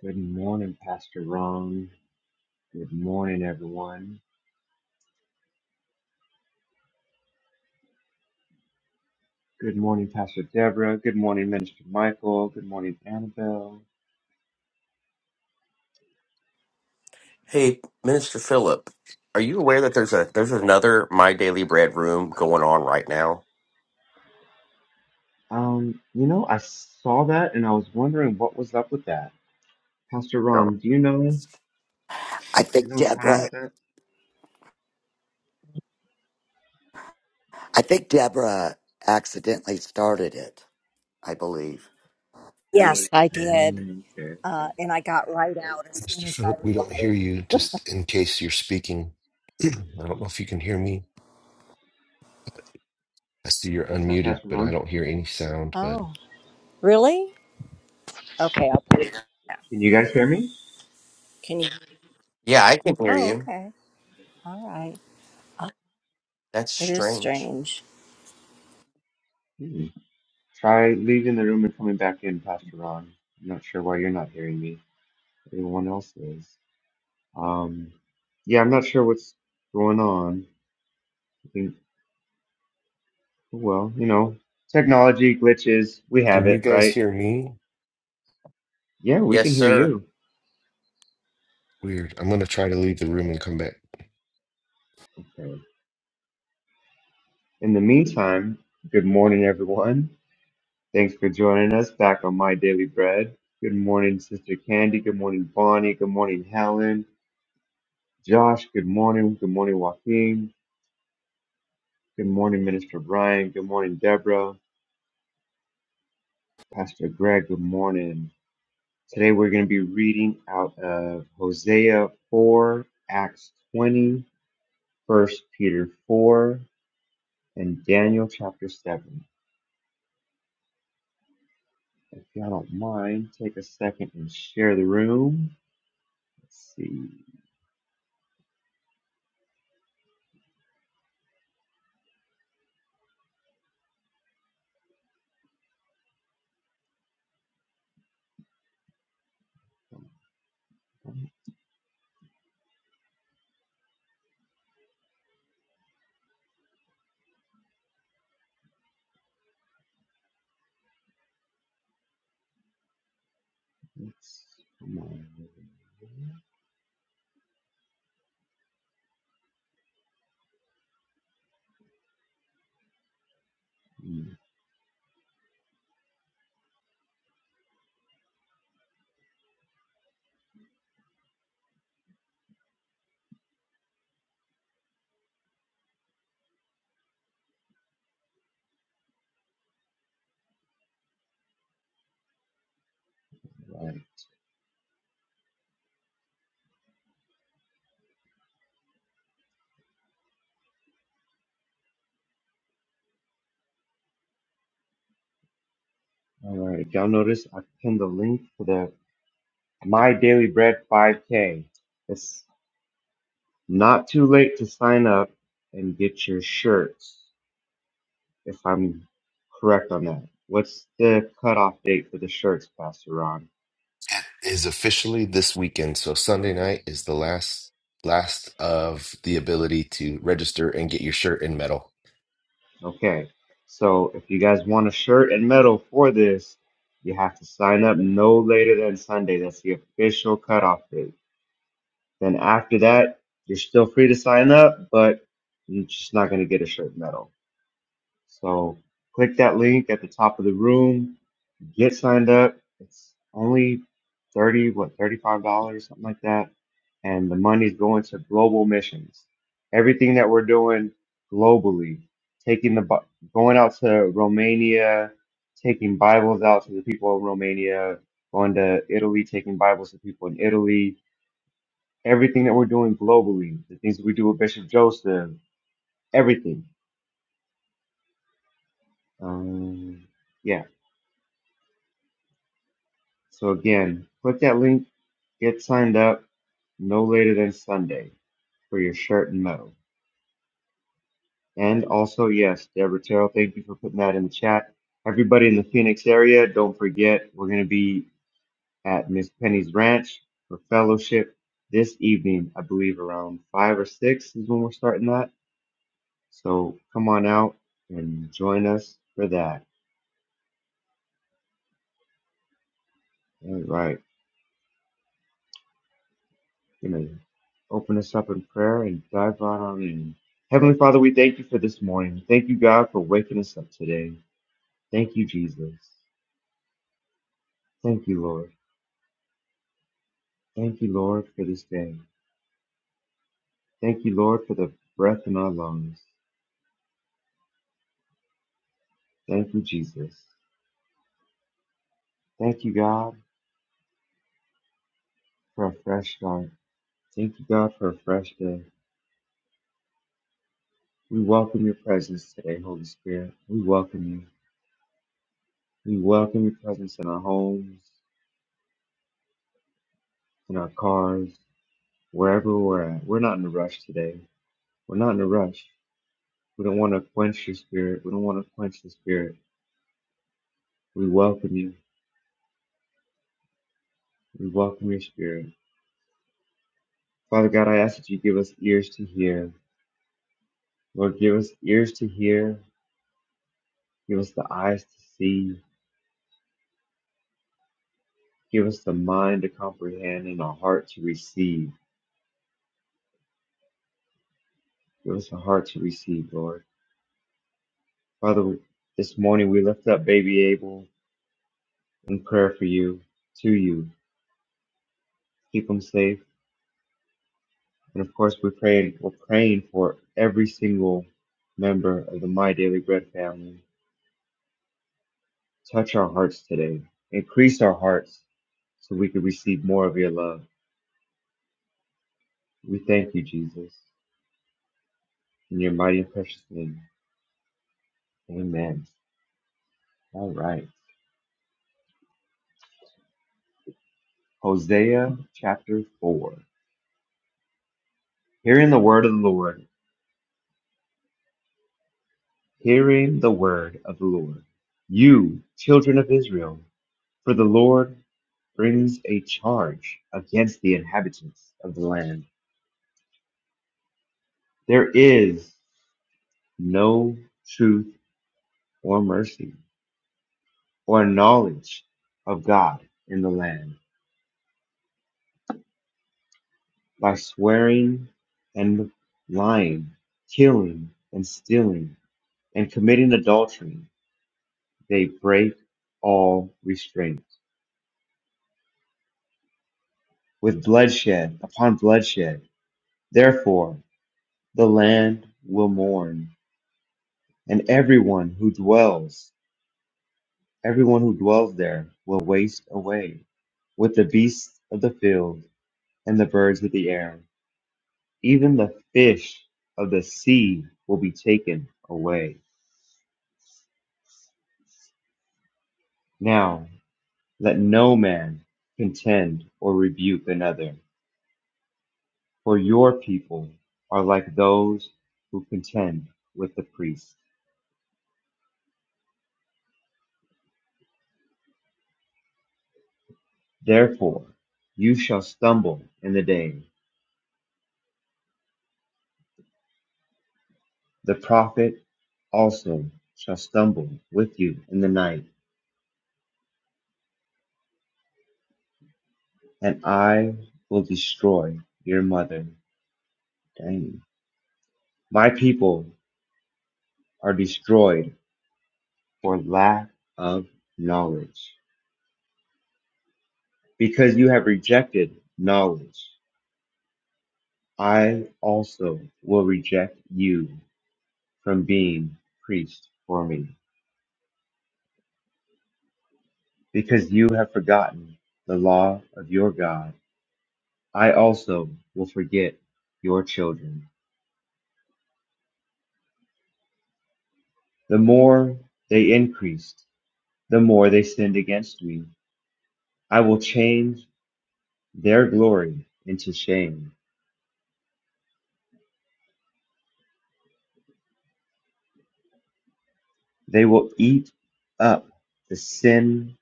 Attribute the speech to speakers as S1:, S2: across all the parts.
S1: Good morning, Pastor Ron. Good morning, everyone. Good morning, Pastor Deborah. Good morning, Minister Michael. Good morning, Annabelle.
S2: Hey, Minister Philip, are you aware that there's a there's another My Daily Bread room going on right now?
S1: Um, you know, I saw that and I was wondering what was up with that. Pastor
S2: No.
S1: Ron, do you know? Do
S3: I
S1: you
S3: think
S1: know what's going on
S3: Deborah.
S1: with that?
S3: I think Deborah accidentally started it. I believe.
S4: Yes, I did.
S1: Mm, okay,
S4: Uh,
S1: okay.
S4: and I got right out as soon
S5: Mr.
S4: as I
S5: Philip, we don't hear
S4: realized.
S5: you just in case you're speaking. I don't know if you can hear me. I see you're
S1: What's up,
S5: unmuted,
S1: Pastor
S5: but I
S1: Ron?
S5: don't hear any sound, bud.
S4: Oh, really? Okay, I'll put it down.
S1: Can you guys hear me?
S4: Can you?
S2: Yeah, I can hear
S4: Oh,
S2: you.
S4: okay. All right. Oh,
S2: That's
S4: it is
S2: strange.
S4: strange.
S1: Hmm. Try leaving the room and coming back in, Pastor Ron. I'm not sure why you're not hearing me. Everyone else is. Um, yeah, I'm not sure what's going on. Well, you know, technology glitches, we have
S5: Can you
S1: it,
S5: guys
S1: right?
S5: hear me?
S1: Yeah, we
S2: Yes,
S1: can hear
S2: sir.
S1: you.
S5: Weird. I'm going to try to leave the room and come back.
S1: Okay. In the meantime, good morning, everyone. Thanks for joining us back on My Daily Bread. Good morning, Sister Candy. Good morning, Bonnie. Good morning, Helen. Josh, good morning. Good morning, Joaquin. Good morning, Minister Brian. Good morning, Deborah. Pastor Greg, good morning. Today we're going to be reading out of Hosea 4, Acts 20, 1 Peter 4, And Daniel chapter 7. If y'all don't mind, take a second and share the room. Let's see. Let's, come on. Mm, All right. All right. If y'all notice, I pinned the link to the My Daily Bread 5K. It's not too late to sign up and get your shirts, if I'm correct on that. What's the cutoff date for the shirts, Pastor Ron?
S5: It is officially this weekend, so Sunday night is the last last of the ability to register and get your shirt and medal.
S1: Okay. So if you guys want a shirt and medal for this, you have to sign up no later than Sunday. That's the official cutoff date. Then after that, you're still free to sign up, but you're just not going to get a shirt and medal. So click that link at the top of the room. Get signed up. It's only thirty, what, thirty-five dollars, something like that. And the money's going to global missions. Everything that we're doing globally, taking the Bi- going out to Romania, taking Bibles out to the people of Romania, going to Italy, taking Bibles to people in Italy. Everything that we're doing globally, the things that we do with Bishop Joseph, everything. Um, yeah. So again, click that link Get signed up no later than Sunday for your shirt and medal. And also, yes, Deborah Terrell, thank you for putting that in the chat. Everybody in the Phoenix area, don't forget, we're going to be at Miss Penny's Ranch for fellowship this evening. I believe around five or six is when we're starting that. So come on out and join us for that. All right. Gonna open us up in prayer and dive right on in. Heavenly Father, we thank you for this morning. Thank you, God, for waking us up today. Thank you, Jesus. Thank you, Lord. Thank you, Lord, for this day. Thank you, Lord, for the breath in our lungs. Thank you, Jesus. Thank you, God, for a fresh start. Thank you, God, for a fresh day. We welcome your presence today, Holy Spirit. We welcome you. We welcome your presence in our homes, in our cars, wherever we're at. We're not in a rush today. We're not in a rush. We don't want to quench your spirit. We don't want to quench the spirit. We welcome you. We welcome your spirit. Father God, I ask that you give us ears to hear. Lord, give us ears to hear. Give us the eyes to see. Give us the mind to comprehend and a heart to receive. Give us a heart to receive, Lord. Father, this morning we lift up baby Abel in prayer for you, to you. Keep him safe. And of course, we pray, we're praying for every single member of the My Daily Bread family. Touch our hearts today. Increase our hearts so we can receive more of your love. We thank you, Jesus, in your mighty and precious name. Amen. All right. Hosea chapter 4. Hearing the word of the Lord, hearing the word of the Lord. You, children of Israel, for the Lord brings a charge against the inhabitants of the land. There is no truth or mercy or knowledge of God in the land. by swearing and lying, killing and stealing, and committing adultery, they break all restraint with bloodshed upon bloodshed. Therefore, the land will mourn, and everyone who dwells, everyone who dwells there will waste away with the beasts of the field and the birds of the air. Even the fish of the sea will be taken away. Now, Let no man contend or rebuke another, for your people are like those who contend with the priests. Therefore, you shall stumble in the day. The prophet also shall stumble with you in the night, and I will destroy your mother. Dang. My people are destroyed for lack of knowledge, because you have rejected knowledge. I also will reject you from being priest for me, because you have forgotten the law of your God. I also will forget your children. The more they increased, the more they sinned against me. I will change their glory into shame. They will eat up the sin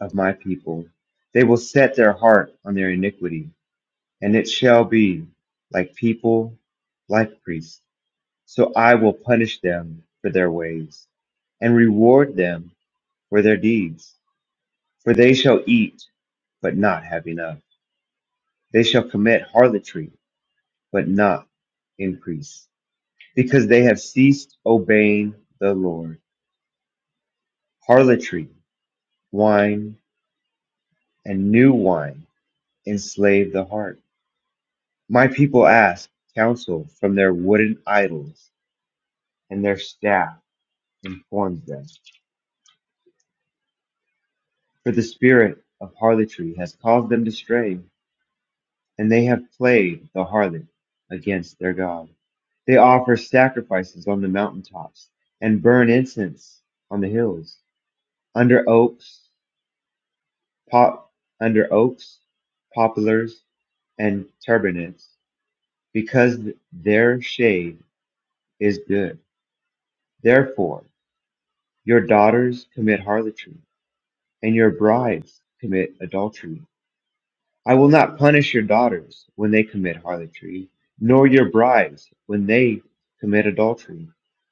S1: of my people. They will set their heart on their iniquity And it shall be like people, like priests. So I will punish them for their ways and reward them for their deeds. For they shall eat, but not have enough. They shall commit harlotry, but not increase. Because they have ceased obeying the Lord. Harlotry, wine, and new wine enslave the heart. My people ask counsel from their wooden idols and their staff informs them. For the spirit of harlotry has caused them to stray, and they have played the harlot against their God. They offer sacrifices on the mountaintops and burn incense on the hills, under oaks, pop, under oaks, poplars, and turbinates, because their shade is good. Therefore, your daughters commit harlotry, and your brides commit adultery. I will not punish your daughters when they commit harlotry, nor your brides when they commit adultery,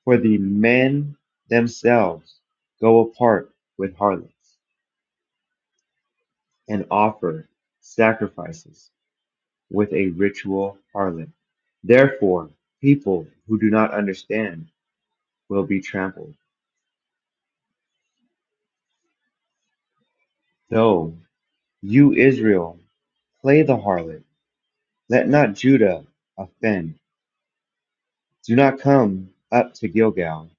S1: for the men themselves go apart with harlots and offer sacrifices with a ritual harlot. Therefore, people who do not understand will be trampled. Though you, Israel, play the harlot, let not Judah offend. Do not come up to Gilgal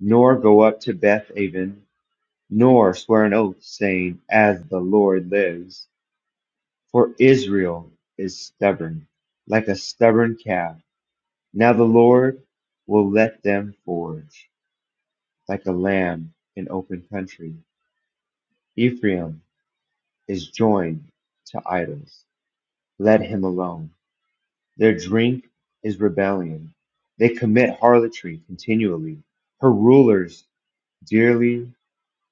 S1: nor go up to Bethaven, nor swear an oath, saying, As the Lord lives. For Israel is stubborn, like a stubborn calf. Now the Lord will let them forage, like a lamb in open country. Ephraim is joined to idols. Let him alone. Their drink is rebellion. They commit harlotry continually. Her rulers dearly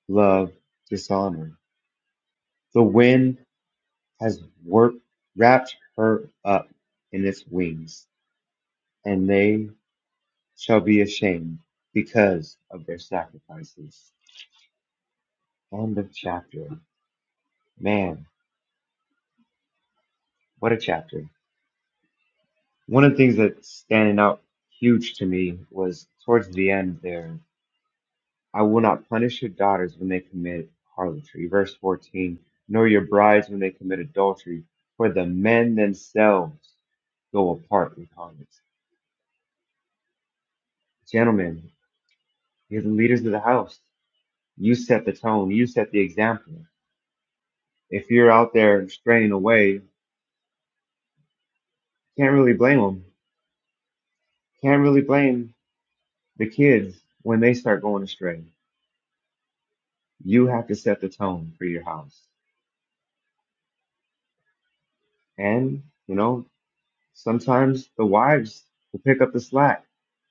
S1: love dishonor. The wind has worked, wrapped her up in its wings, and they shall be ashamed because of their sacrifices. End of chapter. Man, what a chapter. One of the things that's standing out huge to me was towards the end there I will not punish your daughters when they commit harlotry. Verse 14, nor your brides when they commit adultery, for the men themselves go apart with harlots. Gentlemen, you're the leaders of the house. You set the tone. You set the example. If you're out there straying away, can't really blame them. Can't really blame the kids when they start going astray. You have to set the tone for your house. And, you know, sometimes the wives will pick up the slack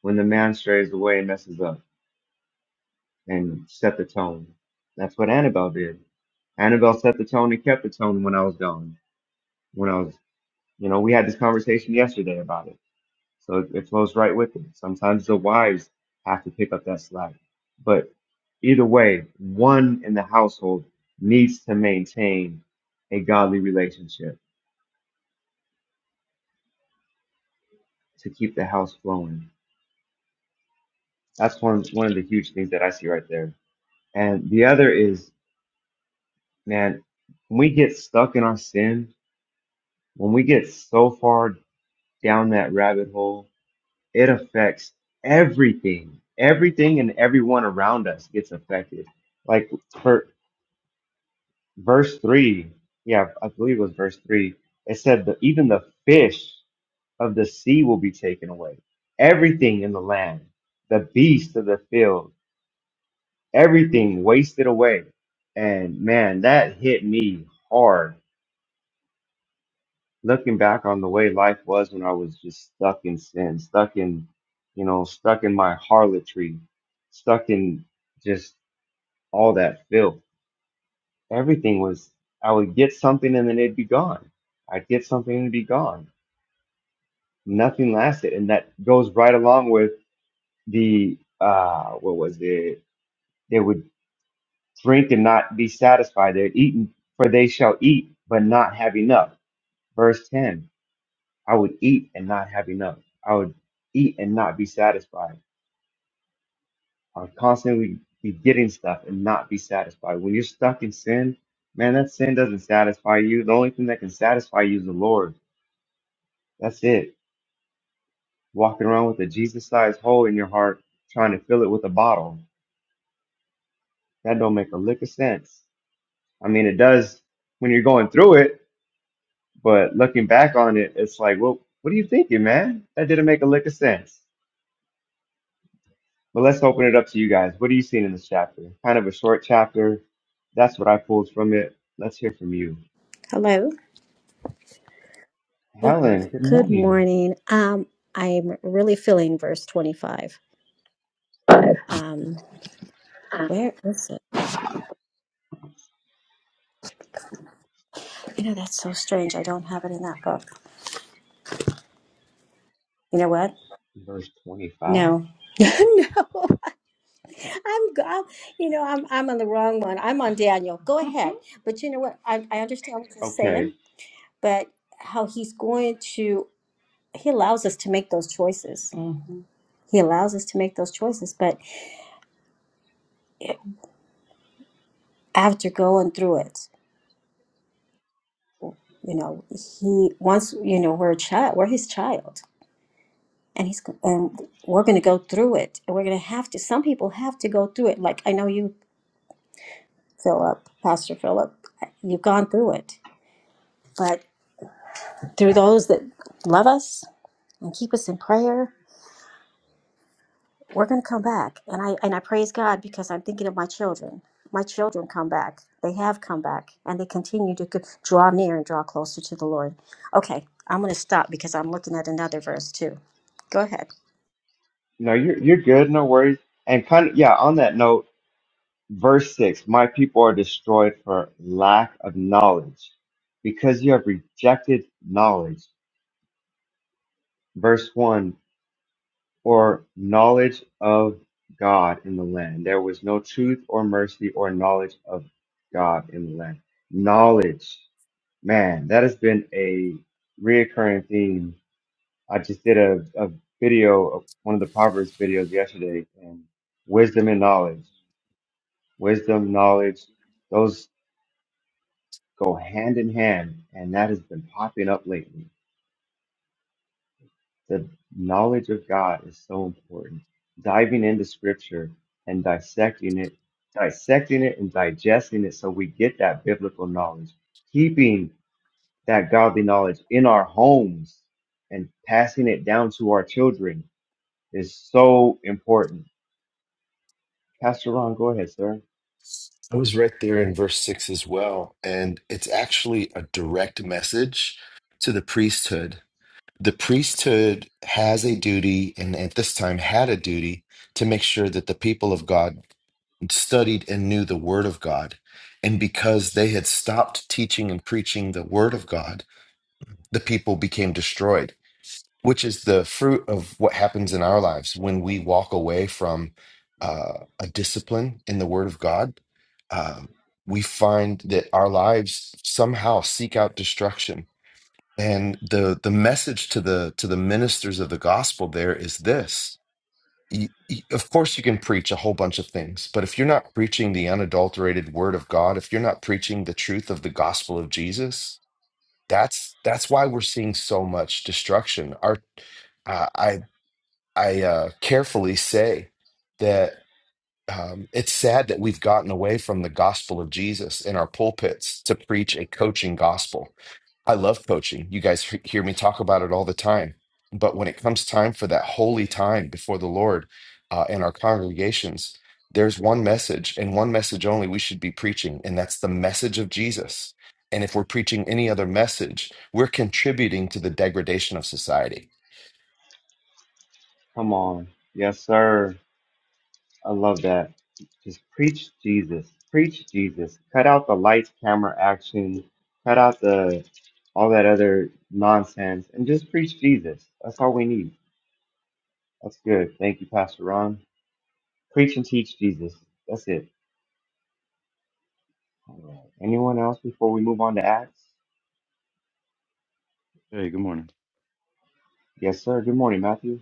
S1: when the man strays away and messes up and set the tone. That's what Annabelle did. Annabelle set the tone and kept the tone when I was gone. When I was, you know, we had this conversation yesterday about it So it, it flows right with it. Sometimes the wives have to pick up that slack. But either way, one in the household needs to maintain a godly relationship to keep the house flowing. That's one, one of the huge things that I see right there. And the other is, man, when we get stuck in our sin, when we get so far down that rabbit hole, it affects everything. Everything and everyone around us gets affected. Like for verse 3 yeah i believe it was verse 3 it said that even the fish of the sea will be taken away everything in the land the beast of the field everything wasted away and man that hit me hard looking back on the way life was when i was just stuck in sin stuck in you know stuck in my harlotry stuck in just all that filth everything was I would get something and then it'd be gone. I'd get something and it'd be gone. Nothing lasted. And that goes right along with the uh what was it? They would drink and not be satisfied. They'd eat for they shall eat but not have enough. Verse ten. I would eat and not have enough. I would eat and not be satisfied. I would constantly be getting stuff and not be satisfied. When you're stuck in sin, man, that sin doesn't satisfy you. The only thing that can satisfy you is the Lord That's it. Walking around with a Jesus-sized hole in your heart, trying to fill it with a bottle. That don't make a lick of sense. I mean, it does when you're going through it, but looking back on it, it's like, well, what are you thinking, man? That didn't make a lick of sense. But let's open it up to you guys. What are you seeing in this chapter? Kind of a short chapter. That's what I pulled from it. Let's hear from you.
S6: Hello. Well,
S1: Helen, good
S6: good
S1: morning.
S6: morning. Um, I'm really feeling verse 25. Um, where is it? You know, that's so strange. I don't have it in that book. You know what?
S1: Verse 25.
S6: No. no. I'm, I'm you know, I'm I'm on the wrong one. I'm on Daniel. Go ahead. But you know what? I, I understand what you're
S1: Okay.
S6: saying, but how he's going to he allows us to make those choices. He allows us to make those choices, but after going through it. you know he once you know we're a child we're his child and he's and we're going to go through it and we're going to have to some people have to go through it like i know you philip pastor philip you've gone through it but through those that love us and keep us in prayer we're going to come back and i and i praise god because i'm thinking of my children my children come back they have come back and they continue to co- draw near and draw closer to the lord okay i'm going to stop because i'm looking at another verse too go ahead
S1: No, you're you're good, no worries. And kind of yeah, on that note, Verse 6 My people are destroyed for lack of knowledge, because you have rejected knowledge. Verse 1 Or knowledge of God in the land. There was no truth or mercy or knowledge of God in the land. Knowledge, man, that has been a reoccurring theme. I just did a, a video of one of the Proverbs videos yesterday, and wisdom and knowledge, wisdom, knowledge. Those go hand in hand, and that has been popping up lately. The knowledge of God is so important. Diving into scripture and dissecting it, dissecting it and digesting it so we get that biblical knowledge, keeping that godly knowledge in our homes and passing it down to our children is so important. Pastor Ron, go ahead, sir.
S5: I was right there in verse six as well. And it's actually a direct message to the priesthood. The priesthood has a duty, and at this time had a duty, to make sure that the people of God studied and knew the word of God. And because they had stopped teaching and preaching the word of God, the people became destroyed which is the fruit of what happens in our lives when we walk away from uh, a discipline in the Word of God. Um, we find that our lives somehow seek out destruction, and the the message to the to the ministers of the gospel there is this. Y- y- Of course, you can preach a whole bunch of things, but if you're not preaching the unadulterated Word of God, if you're not preaching the truth of the gospel of Jesus, that's that's why we're seeing so much destruction. Our uh, I. I uh, carefully say that um, it's sad that we've gotten away from the gospel of Jesus in our pulpits to preach a coaching gospel. I love coaching. You guys he- hear me talk about it all the time. But when it comes time for that holy time before the Lord uh, in our congregations, there's one message and one message only we should be preaching, and that's the message of Jesus. And if we're preaching any other message, we're contributing to the degradation of society.
S1: Come on. Yes, sir. I love that. Just preach Jesus. Preach Jesus. Cut out the lights, camera, action. Cut out the all that other nonsense and just preach Jesus. That's all we need. That's good. Thank you, Pastor Ron. Preach and teach Jesus. That's it. All right. Anyone else before we move on to Acts?
S7: Hey, good morning.
S1: Yes, sir. Good morning, Matthew.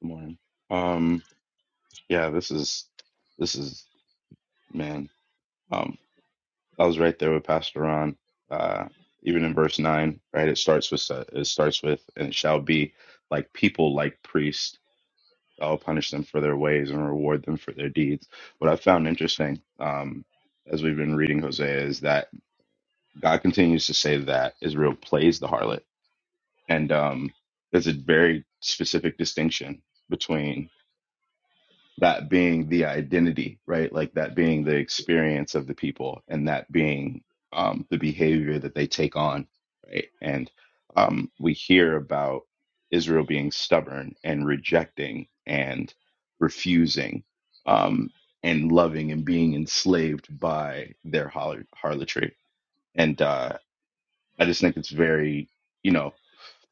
S7: Good morning. Um, yeah, this is this is man. Um, I was right there with Pastor Ron. Uh, even in verse nine, right? It starts with uh, it starts with and it shall be like people like priests. I'll punish them for their ways and reward them for their deeds. What I found interesting, um, as we've been reading Hosea, is that God continues to say that Israel plays the harlot, and um, there's a very specific distinction between. that being the identity, right? Like that being the experience of the people and that being um, the behavior that they take on, right? And um, we hear about Israel being stubborn and rejecting and refusing um, and loving and being enslaved by their harlotry. And uh, I just think it's very, you know,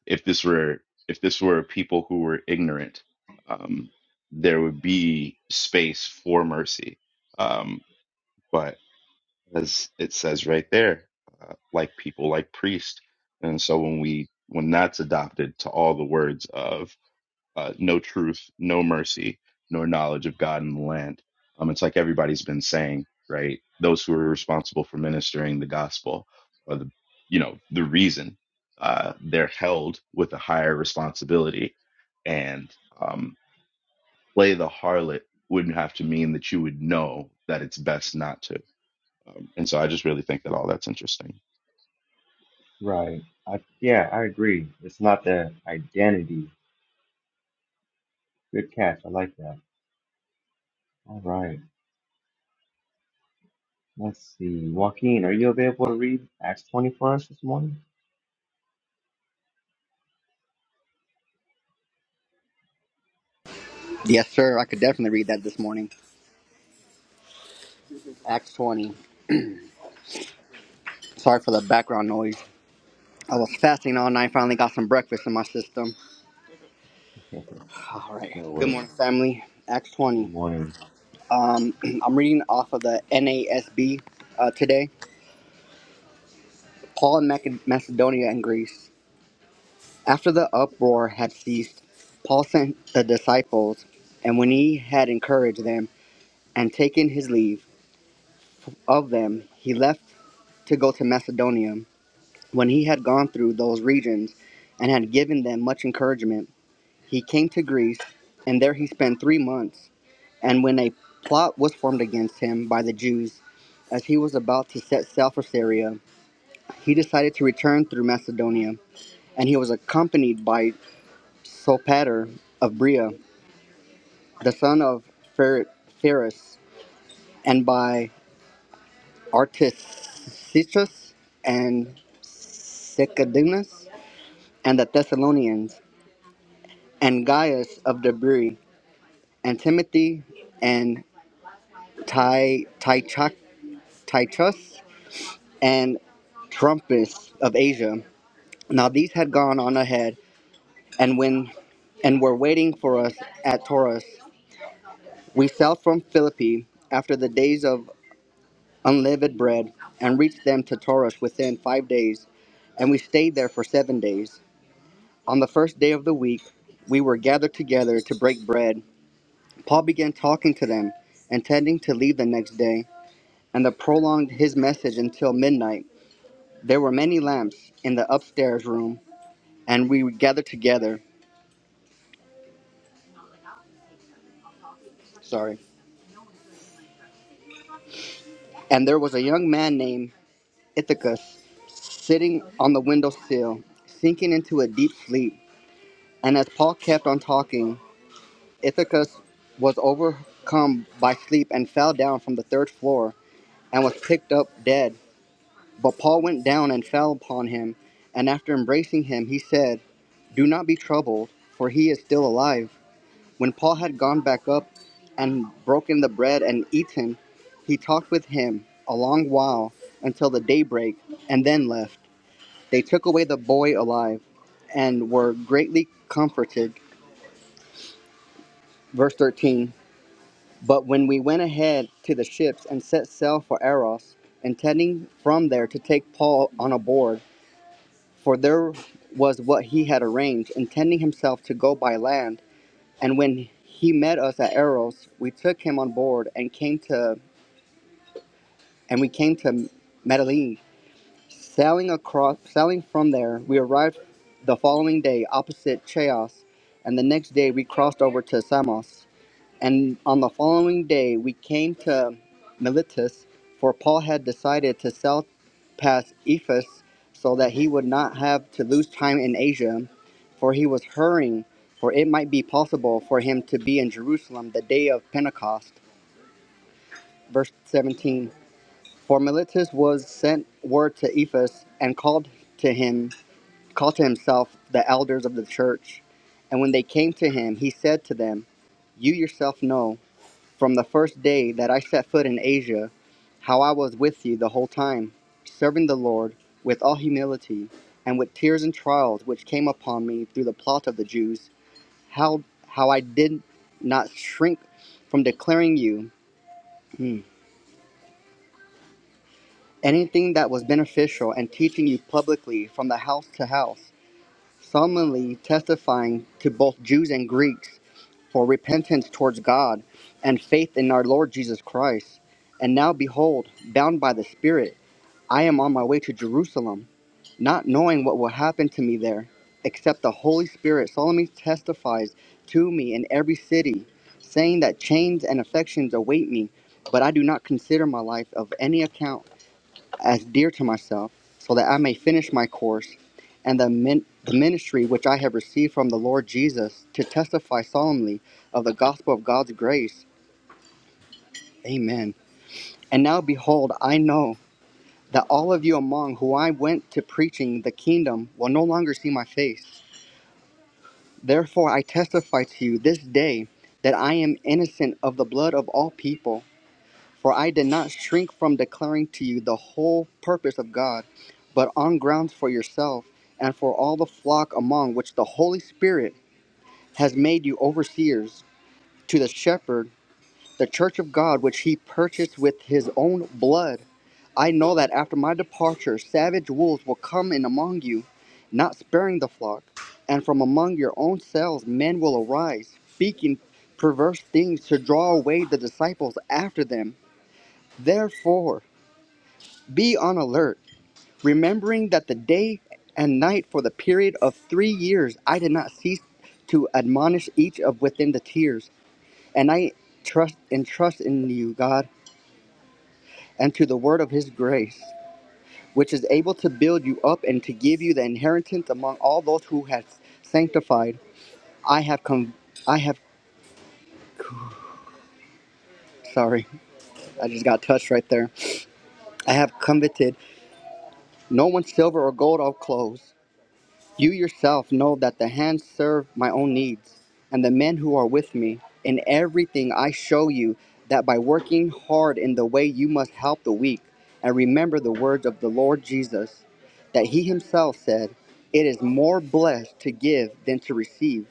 S7: if this were if this were people who were ignorant, um, there would be space for mercy. Um, but as it says right there, uh, like people, like priest, and so when we when that's adopted to all the words of uh, no truth, no mercy, nor knowledge of God in the land. Um, it's like everybody's been saying, right? Those who are responsible for ministering the gospel are the, you know, the reason uh, they're held with a higher responsibility. And um, play the harlot wouldn't have to mean that you would know that it's best not to. Um, and so I just really think that all that's interesting.
S1: Right. I, yeah, I agree. It's not the identity. Good catch. I like that. All right. Let's see. Joaquin, are you available to read Acts 20 for us this morning?
S8: Yes, sir. I could definitely read that this morning. Acts 20. Sorry for the background noise. I was fasting all night. Finally got some breakfast in my system. All right.
S1: no
S8: Good
S1: way.
S8: morning, family. Acts
S1: Good
S8: 20.
S1: morning.
S8: Um, I'm reading off of the NASB uh, today. Paul in Mac- Macedonia and Greece. After the uproar had ceased, Paul sent the disciples, and when he had encouraged them and taken his leave of them, he left to go to Macedonia. When he had gone through those regions and had given them much encouragement, he came to Greece, and there he spent three months. And when a plot was formed against him by the Jews, as he was about to set sail for Syria, he decided to return through Macedonia, and he was accompanied by Sopater of Bria, the son of Pher- and by Artisichus and Sicadinus, and the Thessalonians, and Gaius of Debri and Timothy and Ty Tychus and Trumpus of Asia. Now these had gone on ahead, and when and were waiting for us at Taurus. We sailed from Philippi after the days of unleavened bread, and reached them to Taurus within five days, and we stayed there for seven days. On the first day of the week, we were gathered together to break bread. Paul began talking to them, intending to leave the next day. and the prolonged his message until midnight. There were many lamps in the upstairs room, and we gathered together. Sorry. And there was a young man named Ithacus sitting on the window sill, sinking into a deep sleep. And as Paul kept on talking, Ithacus was overcome by sleep and fell down from the third floor and was picked up dead. But Paul went down and fell upon him, and after embracing him, he said, Do not be troubled, for he is still alive. When Paul had gone back up and broken the bread and eaten, he talked with him a long while until the daybreak, and then left. They took away the boy alive and were greatly comforted. Verse 13 But when we went ahead to the ships and set sail for Eros, intending from there to take Paul on a board, for there was what he had arranged, intending himself to go by land, and when he met us at Eros, we took him on board and came to and we came to Medellin. Sailing across, sailing from there, we arrived the following day opposite Chios, and the next day we crossed over to Samos. And on the following day, we came to Miletus, for Paul had decided to sail past Ephesus so that he would not have to lose time in Asia, for he was hurrying, for it might be possible for him to be in Jerusalem the day of Pentecost. Verse 17. For Miletus was sent word to Ephesus and called to him, called to himself the elders of the church. And when they came to him, he said to them, You yourself know from the first day that I set foot in Asia, how I was with you the whole time, serving the Lord with all humility and with tears and trials which came upon me through the plot of the Jews. How how I did not shrink from declaring you. hmm, anything that was beneficial and teaching you publicly from the house to house, solemnly testifying to both Jews and Greeks for repentance towards God and faith in our Lord Jesus Christ. And now, behold, bound by the Spirit, I am on my way to Jerusalem, not knowing what will happen to me there, except the Holy Spirit solemnly testifies to me in every city, saying that chains and afflictions await me, but I do not consider my life of any account as dear to myself, so that I may finish my course and the, min- the ministry which I have received from the Lord Jesus to testify solemnly of the gospel of God's grace. Amen. And now behold, I know that all of you among who I went to preaching the kingdom will no longer see my face. Therefore, I testify to you this day that I am innocent of the blood of all people. For I did not shrink from declaring to you the whole purpose of God, but on grounds for yourself and for all the flock among which the Holy Spirit has made you overseers, to the shepherd, the church of God, which he purchased with his own blood. I know that after my departure, savage wolves will come in among you, not sparing the flock. And from among your own selves, men will arise, speaking perverse things to draw away the disciples after them. Therefore, Be on alert, remembering that the day and night for the period of three years I did not cease to admonish each of within the tears, and I trust and trust in you, God, and to the word of his grace, which is able to build you up and to give you the inheritance among all those who have sanctified. I have come I have sorry, I just got touched right there. I have coveted no one's silver or gold or clothes, You yourself know that the hands serve my own needs, and the men who are with me. In everything I show you that by working hard in the way you must help the weak, and remember the words of the Lord Jesus, that he himself said, It is more blessed to give than to receive.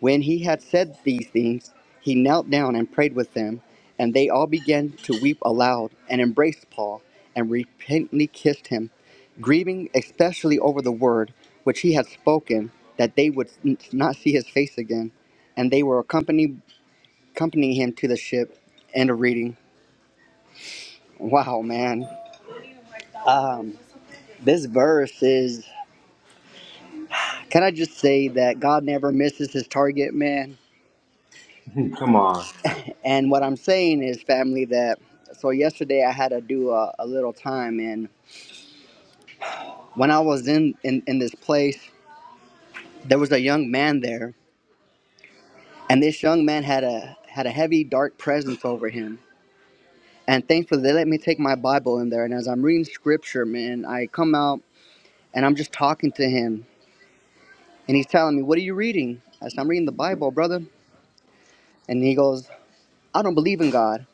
S8: When he had said these things, he knelt down and prayed with them, and they all began to weep aloud and embraced Paul and repentantly kissed him, grieving especially over the word which he had spoken that they would not see his face again. And they were accompanied, accompanying him to the ship. End of reading. Wow, man. Um, this verse is, can I just say that God never misses his target, man?
S1: Come on.
S8: And what I'm saying is, family, that so yesterday I had to do a, a little time, and when I was in, in in this place, there was a young man there, and this young man had a had a heavy dark presence over him. And thankfully, they let me take my Bible in there, and as I'm reading scripture, man, I come out and I'm just talking to him, and he's telling me, "What are you reading?" I said, "I'm reading the Bible, brother." And he goes, "I don't believe in God,"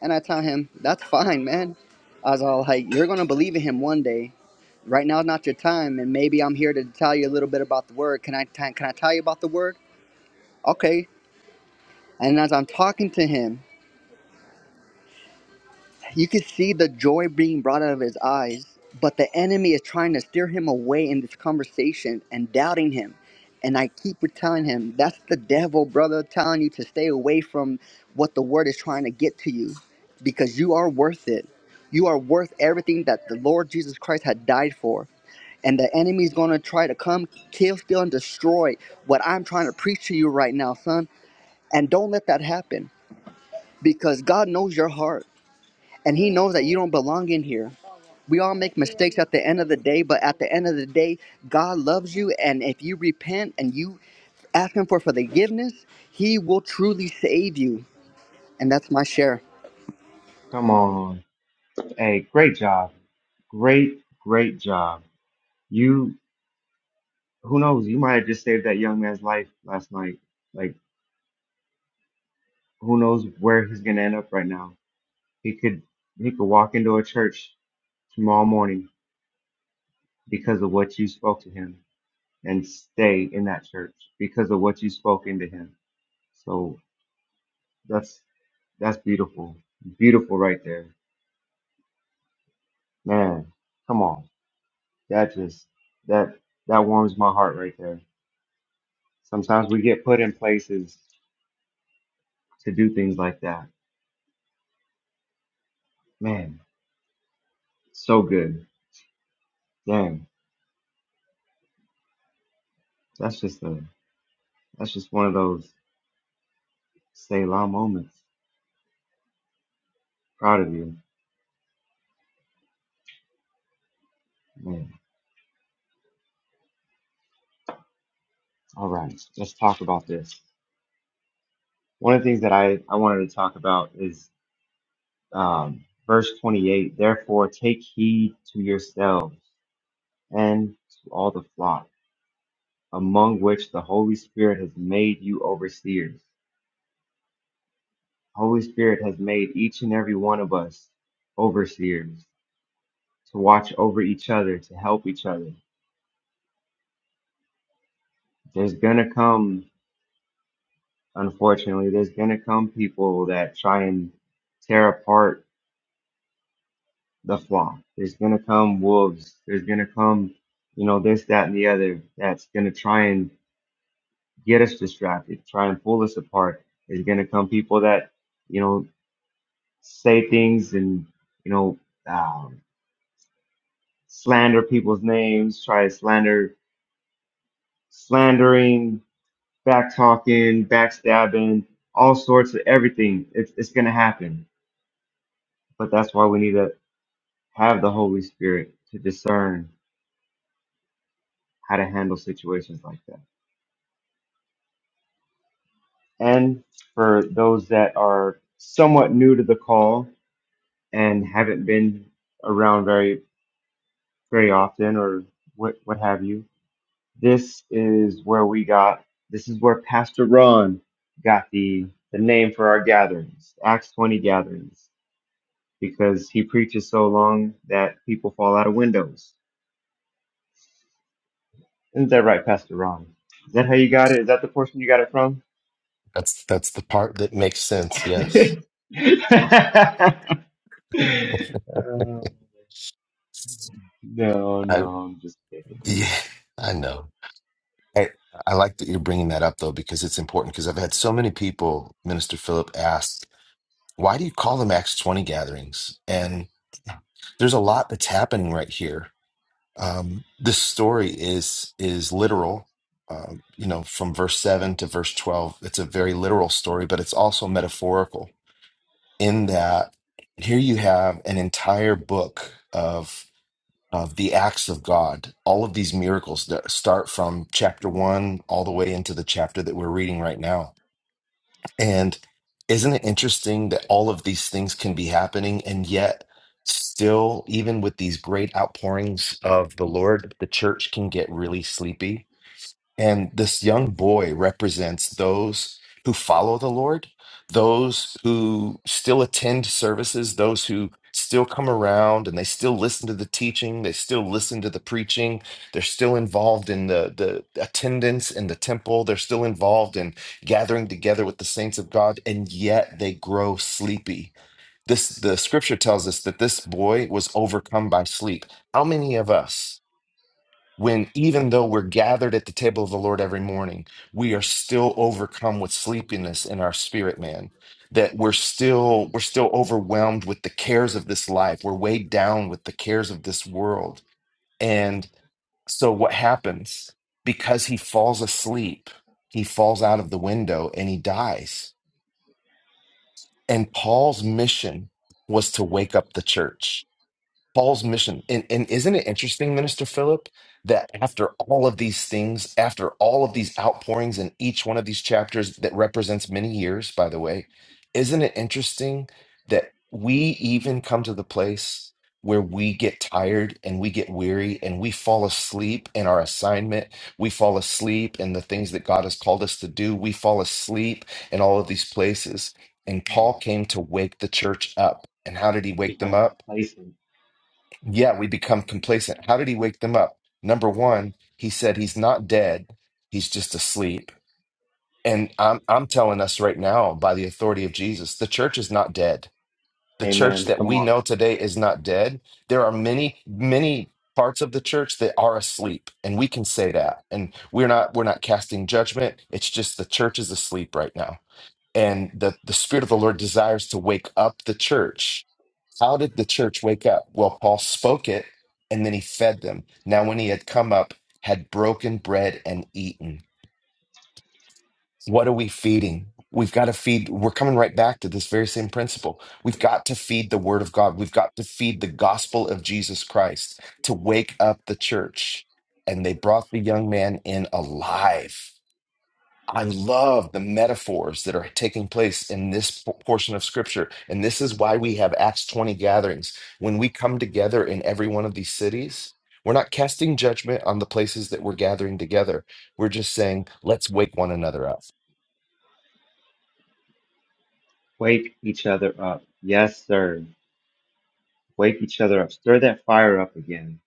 S8: and I tell him, "That's fine, man." I was all like, "You're gonna believe in Him one day." Right now is not your time, and maybe I'm here to tell you a little bit about the word. Can I t- can I tell you about the word? Okay. And as I'm talking to him, you can see the joy being brought out of his eyes, but the enemy is trying to steer him away in this conversation and doubting him. And I keep telling him, that's the devil, brother, telling you to stay away from what the word is trying to get to you because you are worth it. You are worth everything that the Lord Jesus Christ had died for and the enemy is going to try to come, kill, steal, and destroy what I'm trying to preach to you right now, son. And don't let that happen because God knows your heart and He knows that you don't belong in here. We all make mistakes at the end of the day, but at the end of the day, God loves you. And if you repent and you ask Him for forgiveness, He will truly save you. And that's my share.
S1: Come on. Hey, great job. Great, great job. You, who knows? You might have just saved that young man's life last night. Like, who knows where he's gonna end up right now? He could, he could walk into a church tomorrow morning because of what you spoke to him, and stay in that church because of what you spoke into him. So that's that's beautiful, beautiful right there, man. Come on. That just that that warms my heart right there. Sometimes we get put in places to do things like that. Man, so good. Dang, that's just a that's just one of those Selah moments. Proud of you, man. All right, let's talk about this. One of the things that I I wanted to talk about is um, verse 28. Therefore, take heed to yourselves and to all the flock, among which the Holy Spirit has made you overseers Holy Spirit has made each and every one of us overseers to watch over each other, to help each other. There's gonna come, unfortunately, there's gonna come people that try and tear apart the flock. There's gonna come wolves. There's gonna come, you know, this, that, and the other that's gonna try and get us distracted, try and pull us apart. There's gonna come people that, you know, say things and, you know, um, slander people's names, try to slander slandering, back talking, backstabbing, all sorts of everything. It's, it's going to happen. But that's why we need to have the Holy Spirit to discern how to handle situations like that. And for those that are somewhat new to the call and haven't been around very, very often or what, what have you, this is where we got, this is where Pastor Ron got the, the name for our gatherings, Acts 20 gatherings because he preaches so long that people fall out of windows. Isn't that right, Pastor Ron? Is that how you got it? Is that the portion you got it from?
S5: That's that's the part that makes sense. Yes,
S1: Uh, no,
S5: I
S1: no, I'm just kidding.
S5: yeah, I know. I I like that you're bringing that up though because it's important because I've had so many people, Minister Philip, ask why do you call them Acts twenty gatherings? And there's a lot that's happening right here. Um, this story is is literal. Um, you know, from verse seven to verse twelve, it's a very literal story, but it's also metaphorical in that here you have an entire book of the acts of God, all of these miracles that start from chapter one all the way into the chapter that we're reading right now. And isn't it interesting that all of these things can be happening and yet still, even with these great outpourings of the Lord, the church can get really sleepy? And this young boy represents those who follow the Lord, those who still attend services, those who still come around and they still listen to the teaching, they still listen to the preaching, they're still involved in the, the attendance in the temple, they're still involved in gathering together with the saints of God, and yet they grow sleepy. This the scripture tells us that this boy was overcome by sleep. How many of us? when even though we're gathered at the table of the Lord every morning, we are still overcome with sleepiness in our spirit, man. That we're still we're still overwhelmed with the cares of this life. We're weighed down with the cares of this world. And so what happens? Because he falls asleep, he falls out of the window and he dies. And Paul's mission was to wake up the church Paul's mission. And, and isn't it interesting, Minister Philip, that after all of these things, after all of these outpourings in each one of these chapters that represents many years, by the way, isn't it interesting that we even come to the place where we get tired and we get weary and we fall asleep in our assignment? We fall asleep in the things that God has called us to do. We fall asleep in all of these places. And Paul came to wake the church up. And how did he wake them
S1: Become
S5: up?
S1: complacent.
S5: Yeah, we become complacent. How did he wake them up? Number one, he said he's not dead, he's just asleep. And I'm I'm telling us right now, by the authority of Jesus, the church is not dead. The
S1: Amen.
S5: church that
S1: Come
S5: we
S1: on.
S5: know today is not dead. There are many, many parts of the church that are asleep, and we can say that. And we're not we're not casting judgment. It's just the church is asleep right now. And the, the Spirit of the Lord desires to wake up the church how did the church wake up? Well, Paul spoke it and then he fed them. Now, when he had come up, had broken bread and eaten. What are we feeding? We've got to feed. We're coming right back to this very same principle. We've got to feed the word of God. We've got to feed the gospel of Jesus Christ to wake up the church. And they brought the young man in alive. I love the metaphors that are taking place in this p- portion of scripture. And this is why we have Acts 20 gatherings. When we come together in every one of these cities, we're not casting judgment on the places that we're gathering together. We're just saying, let's wake one another up.
S1: Wake each other up. Yes, sir. Wake each other up. Stir that fire up again.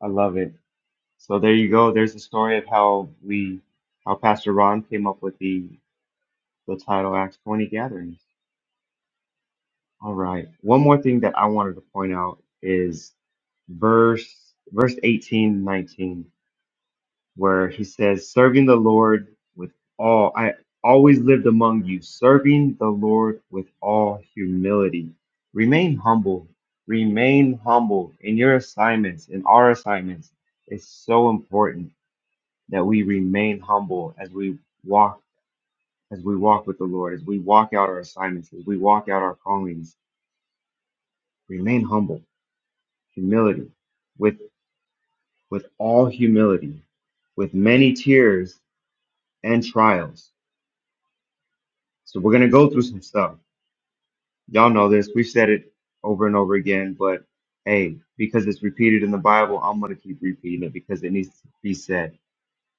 S1: I love it. So there you go. There's the story of how we, how Pastor Ron came up with the the title Acts 20 Gatherings All right. One more thing that I wanted to point out is verse verse 18 19, where he says, serving the Lord with all I always lived among you, serving the Lord with all humility. Remain humble. Remain humble in your assignments, in our assignments. It's so important that we remain humble as we walk, as we walk with the Lord, as we walk out our assignments, as we walk out our callings. Remain humble humility, with, with all humility, with many tears and trials. So we're going to go through some stuff. Y'all know this. We've said it over and over again, but hey, because it's repeated in the Bible, I'm going to keep repeating it because it needs to be said.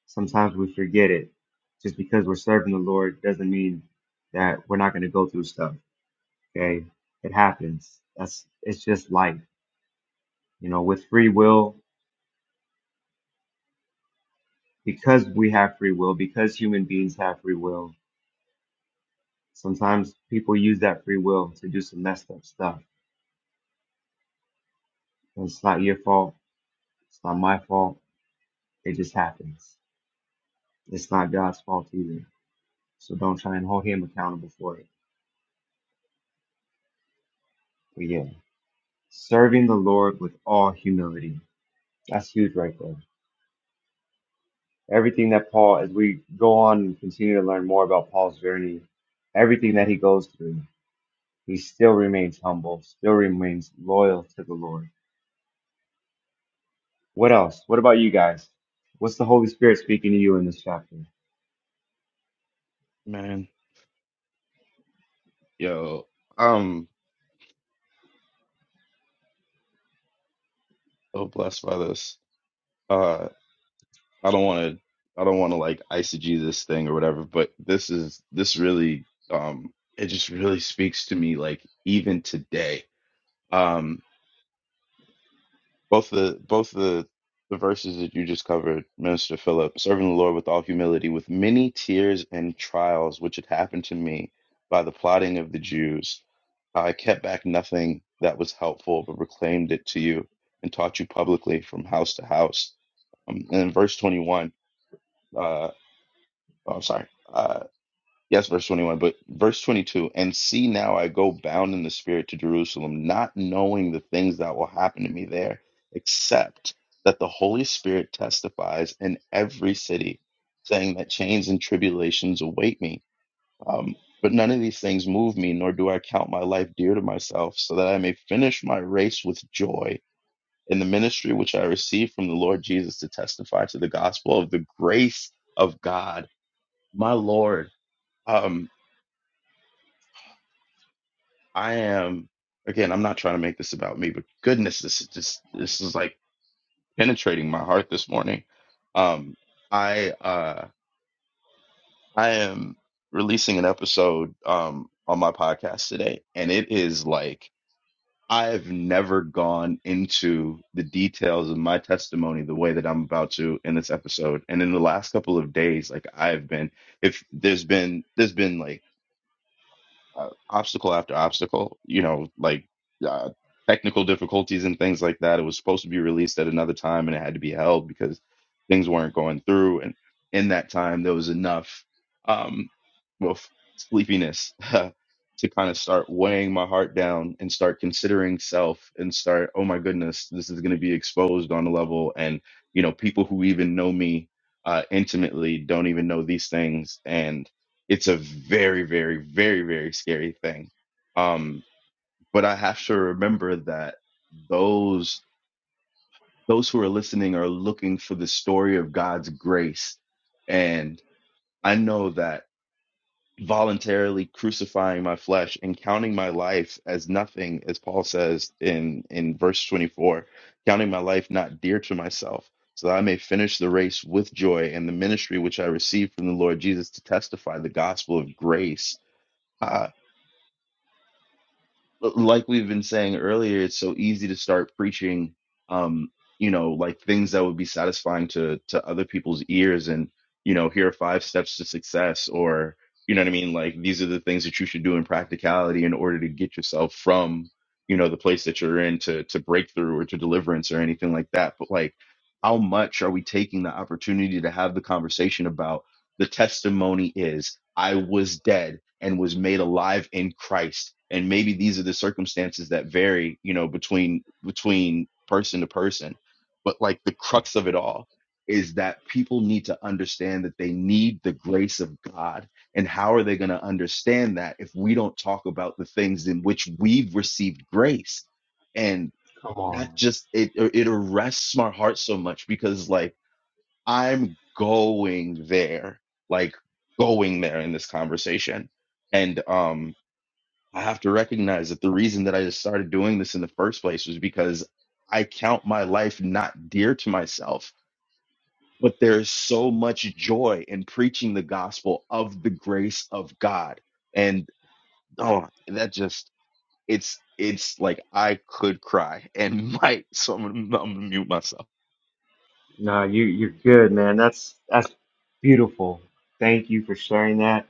S1: Sometimes we forget it. Just because we're serving the Lord doesn't mean that we're not going to go through stuff. Okay. It happens. That's, it's just life, you know, with free will, because we have free will, because human beings have free will Sometimes people use that free will to do some messed up stuff. And it's not your fault. It's not my fault. It just happens. It's not God's fault either. So don't try and hold him accountable for it. But yeah, serving the Lord with all humility. That's huge right there. Everything that Paul, as we go on and continue to learn more about Paul's journey, everything that he goes through, he still remains humble, still remains loyal to the Lord. What else? What about you guys? What's the Holy Spirit speaking to you in this chapter?
S7: Man, yo, I'm so blessed by this. Uh, I don't want to I don't want to like eisegete this thing or whatever, but this is this really um it just really speaks to me like even today. Um both the both the the verses that you just covered, Minister Philip, serving the Lord with all humility, with many tears and trials which had happened to me by the plotting of the Jews. I kept back nothing that was helpful, but proclaimed it to you and taught you publicly from house to house. Um, and in verse 21, uh, Oh, I'm sorry. Uh, yes, verse 21, but verse 22, and see now I go bound in the spirit to Jerusalem, not knowing the things that will happen to me there, except that the Holy Spirit testifies in every city, saying that chains and tribulations await me. Um, but none of these things move me, nor do I count my life dear to myself, so that I may finish my race with joy in the ministry which I received from the Lord Jesus to testify to the gospel of the grace of God, my Lord. Um, I am again, I'm not trying to make this about me, but goodness, this is just this is like penetrating my heart this morning. Um, I uh I am releasing an episode um on my podcast today, and it is like I've never gone into the details of my testimony the way that I'm about to in this episode. And in the last couple of days, like I've been if there's been there's been like uh, obstacle after obstacle, you know, like uh, technical difficulties and things like that. It was supposed to be released at another time and it had to be held because things weren't going through. And in that time, there was enough, um, well, f- sleepiness to kind of start weighing my heart down and start considering self and start, oh my goodness, this is going to be exposed on a level. And, you know, people who even know me uh, intimately don't even know these things. and it's a very very very very scary thing um but i have to remember that those those who are listening are looking for the story of god's grace and i know that voluntarily crucifying my flesh and counting my life as nothing as paul says in in verse 24 counting my life not dear to myself so that i may finish the race with joy and the ministry which i received from the lord jesus to testify the gospel of grace Uh, like we've been saying earlier, it's so easy to start preaching, um, you know, like things that would be satisfying to to other people's ears, and you know, here are five steps to success, or you know what I mean, like these are the things that you should do in practicality in order to get yourself from you know the place that you're in to to breakthrough or to deliverance or anything like that. But like, how much are we taking the opportunity to have the conversation about? the testimony is I was dead and was made alive in Christ. And maybe these are the circumstances that vary, you know, between between person to person. But like the crux of it all is that people need to understand that they need the grace of God. And how are they going to understand that if we don't talk about the things in which we've received grace? And
S1: Come
S7: that
S1: on.
S7: just it it arrests my heart so much because like I'm going there, like going there in this conversation. And um, I have to recognize that the reason that I just started doing this in the first place was because I count my life not dear to myself. But there's so much joy in preaching the gospel of the grace of God. And oh, that just, it's, it's like I could cry and might. So I'm gonna, I'm gonna mute myself.
S1: No, you you're good, man. That's that's beautiful. Thank you for sharing that.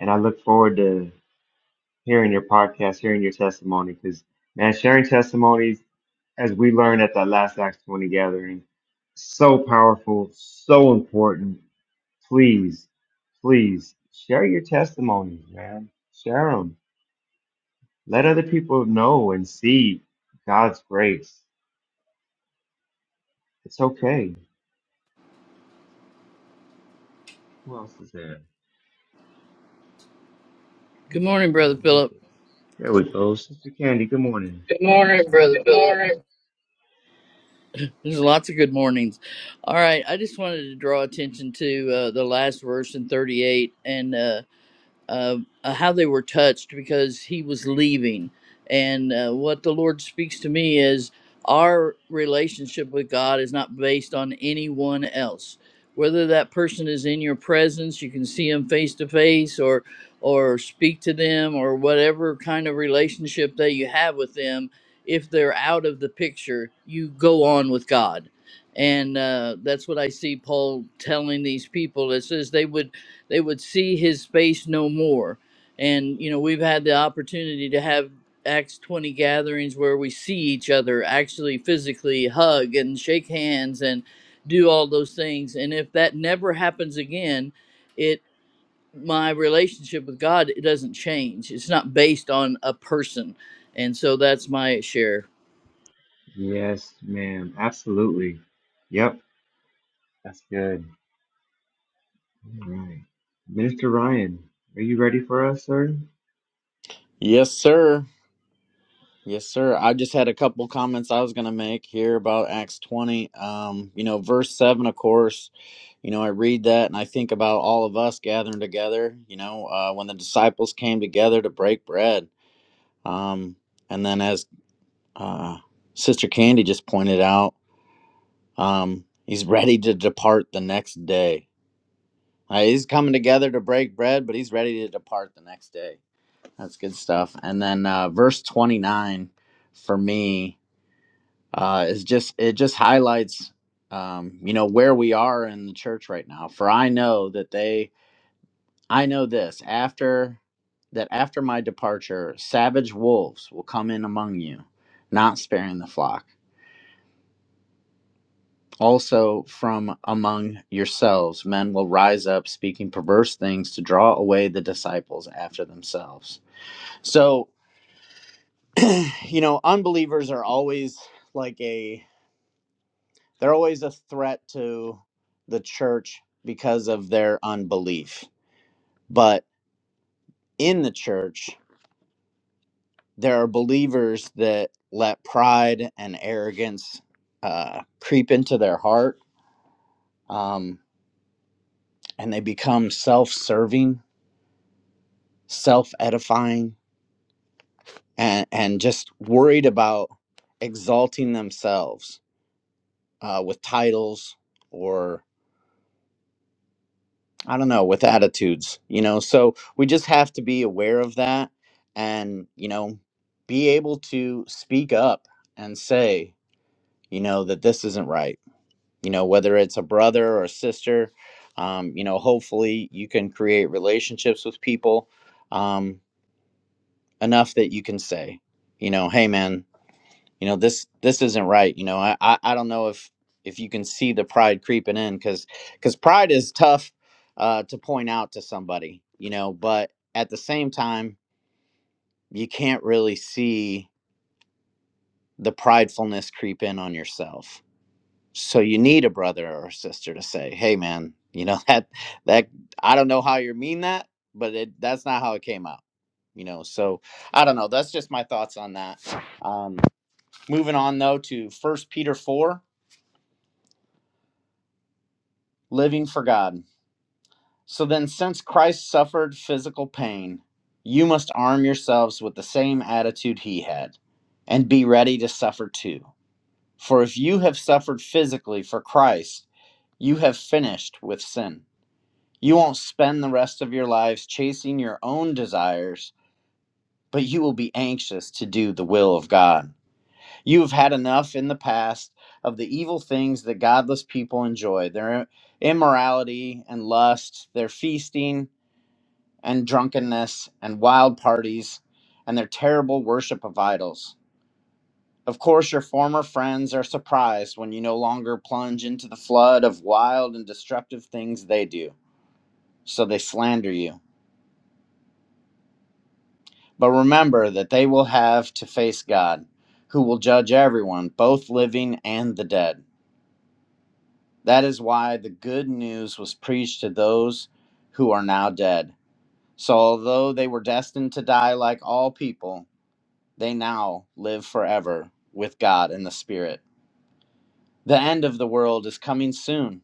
S1: And I look forward to hearing your podcast, hearing your testimony, because man, sharing testimonies, as we learned at that last Acts 20 gathering, so powerful, so important. Please, please share your testimonies, man. Share them. Let other people know and see God's grace. It's okay. Who else is there?
S9: Good
S1: Who's
S9: morning, Brother
S1: there?
S9: Philip.
S1: There we go. Sister Candy, good morning.
S10: Good morning, Brother Good morning.
S9: There's lots of good mornings. All right, I just wanted to draw attention to uh, the last verse in 38, and uh, uh, uh, how they were touched because he was leaving. And uh, what the Lord speaks to me is our relationship with God is not based on anyone else. Whether that person is in your presence, you can see them face to face, or or speak to them, or whatever kind of relationship that you have with them. If they're out of the picture, you go on with God, and uh, that's what I see Paul telling these people. It says they would they would see his face no more. And you know, we've had the opportunity to have Acts 20 gatherings where we see each other actually physically hug and shake hands and do all those things. And if that never happens again, it my relationship with God it doesn't change. It's not based on a person. And so that's my share.
S1: Yes, ma'am. Absolutely. Yep, that's good. All right. Minister Ryan, are you ready for us, sir?
S11: Yes, sir. Yes, sir. I just had a couple comments I was going to make here about Acts 20. Um, you know, verse 7, of course, you know, I read that and I think about all of us gathering together, you know, uh, when the disciples came together to break bread. Um, and then, as uh, Sister Candy just pointed out, um, he's ready to depart the next day. Uh, he's coming together to break bread, but he's ready to depart the next day. That's good stuff. And then, uh, verse 29 for me uh, is just it just highlights um, you know where we are in the church right now for i know that they i know this after that after my departure savage wolves will come in among you not sparing the flock also from among yourselves men will rise up speaking perverse things to draw away the disciples after themselves so you know unbelievers are always like a. They're always a threat to the church because of their unbelief. But in the church, there are believers that let pride and arrogance uh, creep into their heart um, and they become self serving, self edifying, and, and just worried about exalting themselves uh, with titles or. I don't know, with attitudes, you know. So we just have to be aware of that and, you know, be able to speak up and say, you know, that this isn't right. You know, whether it's a brother or a sister, um, you know, hopefully you can create relationships with people um, enough that you can say, you know, hey, man you know this this isn't right you know i i, I don't know if if you can see the pride creeping in because because pride is tough uh to point out to somebody you know but at the same time you can't really see the pridefulness creep in on yourself so you need a brother or a sister to say hey man you know that that i don't know how you mean that but it that's not how it came out you know so i don't know that's just my thoughts on that um moving on though to first peter 4 living for God. So then, since Christ suffered physical pain, you must arm yourselves with the same attitude he had and be ready to suffer too. For if you have suffered physically for Christ, you have finished with sin. You won't spend the rest of your lives chasing your own desires, but you will be anxious to do the will of God. You have had enough in the past of the evil things that godless people enjoy their immorality and lust, their feasting and drunkenness and wild parties and their terrible worship of idols. Of course, your former friends are surprised when you no longer plunge into the flood of wild and destructive things they do, so they slander you. But remember that they will have to face God, who will judge everyone, both living and the dead. That is why the good news was preached to those who are now dead. So, although they were destined to die like all people, They now live forever with God in the Spirit. The end of the world is coming soon.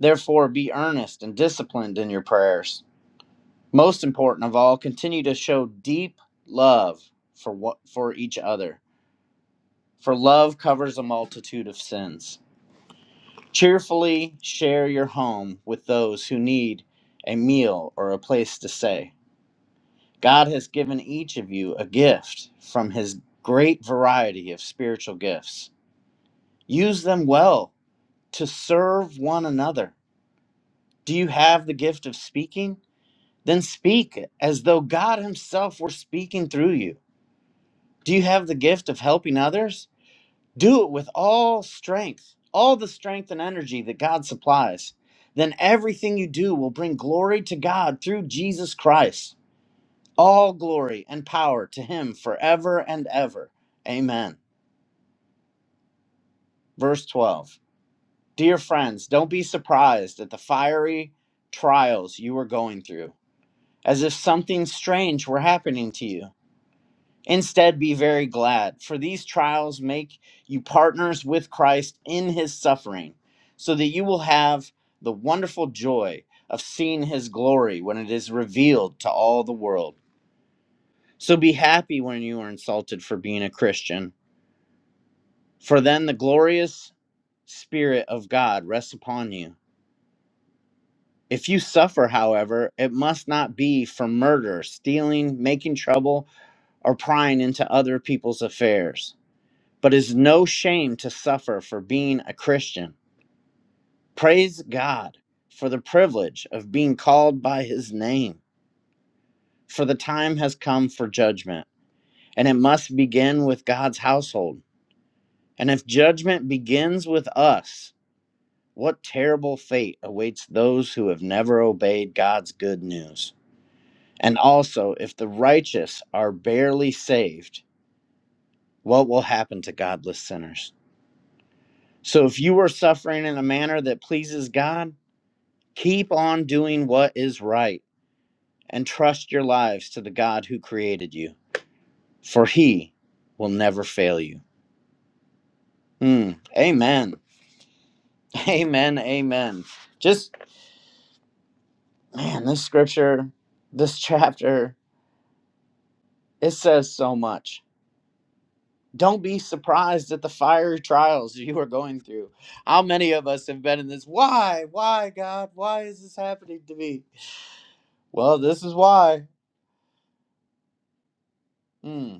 S11: Therefore, be earnest and disciplined in your prayers. Most important of all, continue to show deep love for what for each other. For love covers a multitude of sins. Cheerfully share your home with those who need a meal or a place to stay. God has given each of you a gift from his great variety of spiritual gifts. Use them well to serve one another. Do you have the gift of speaking? Then speak as though God Himself were speaking through you. Do you have the gift of helping others? Do it with all strength, all the strength and energy that God supplies. Then everything you do will bring glory to God through Jesus Christ. All glory and power to Him forever and ever. Amen. Verse 12 Dear friends, don't be surprised at the fiery trials you are going through as if something strange were happening to you. Instead, be very glad, for these trials make you partners with Christ in his suffering, so that you will have the wonderful joy of seeing his glory when it is revealed to all the world. So be happy when you are insulted for being a Christian, for then the glorious Spirit of God rests upon you. If you suffer, however, it must not be for murder, stealing, making trouble, or prying into other people's affairs, but is no shame to suffer for being a Christian. Praise God for the privilege of being called by his name, for the time has come for judgment, and it must begin with God's household. And if judgment begins with us, what terrible fate awaits those who have never obeyed God's good news? And also, if the righteous are barely saved, what will happen to godless sinners? So if you are suffering in a manner that pleases God, keep on doing what is right and trust your lives to the God who created you, for he will never fail you. Mm, amen. Amen. Amen. Just, man, this scripture, this chapter, it says so much. Don't be surprised at the fiery trials you are going through. How many of us have been in this? Why? Why, God? Why is this happening to me? Well, this is why. Mm.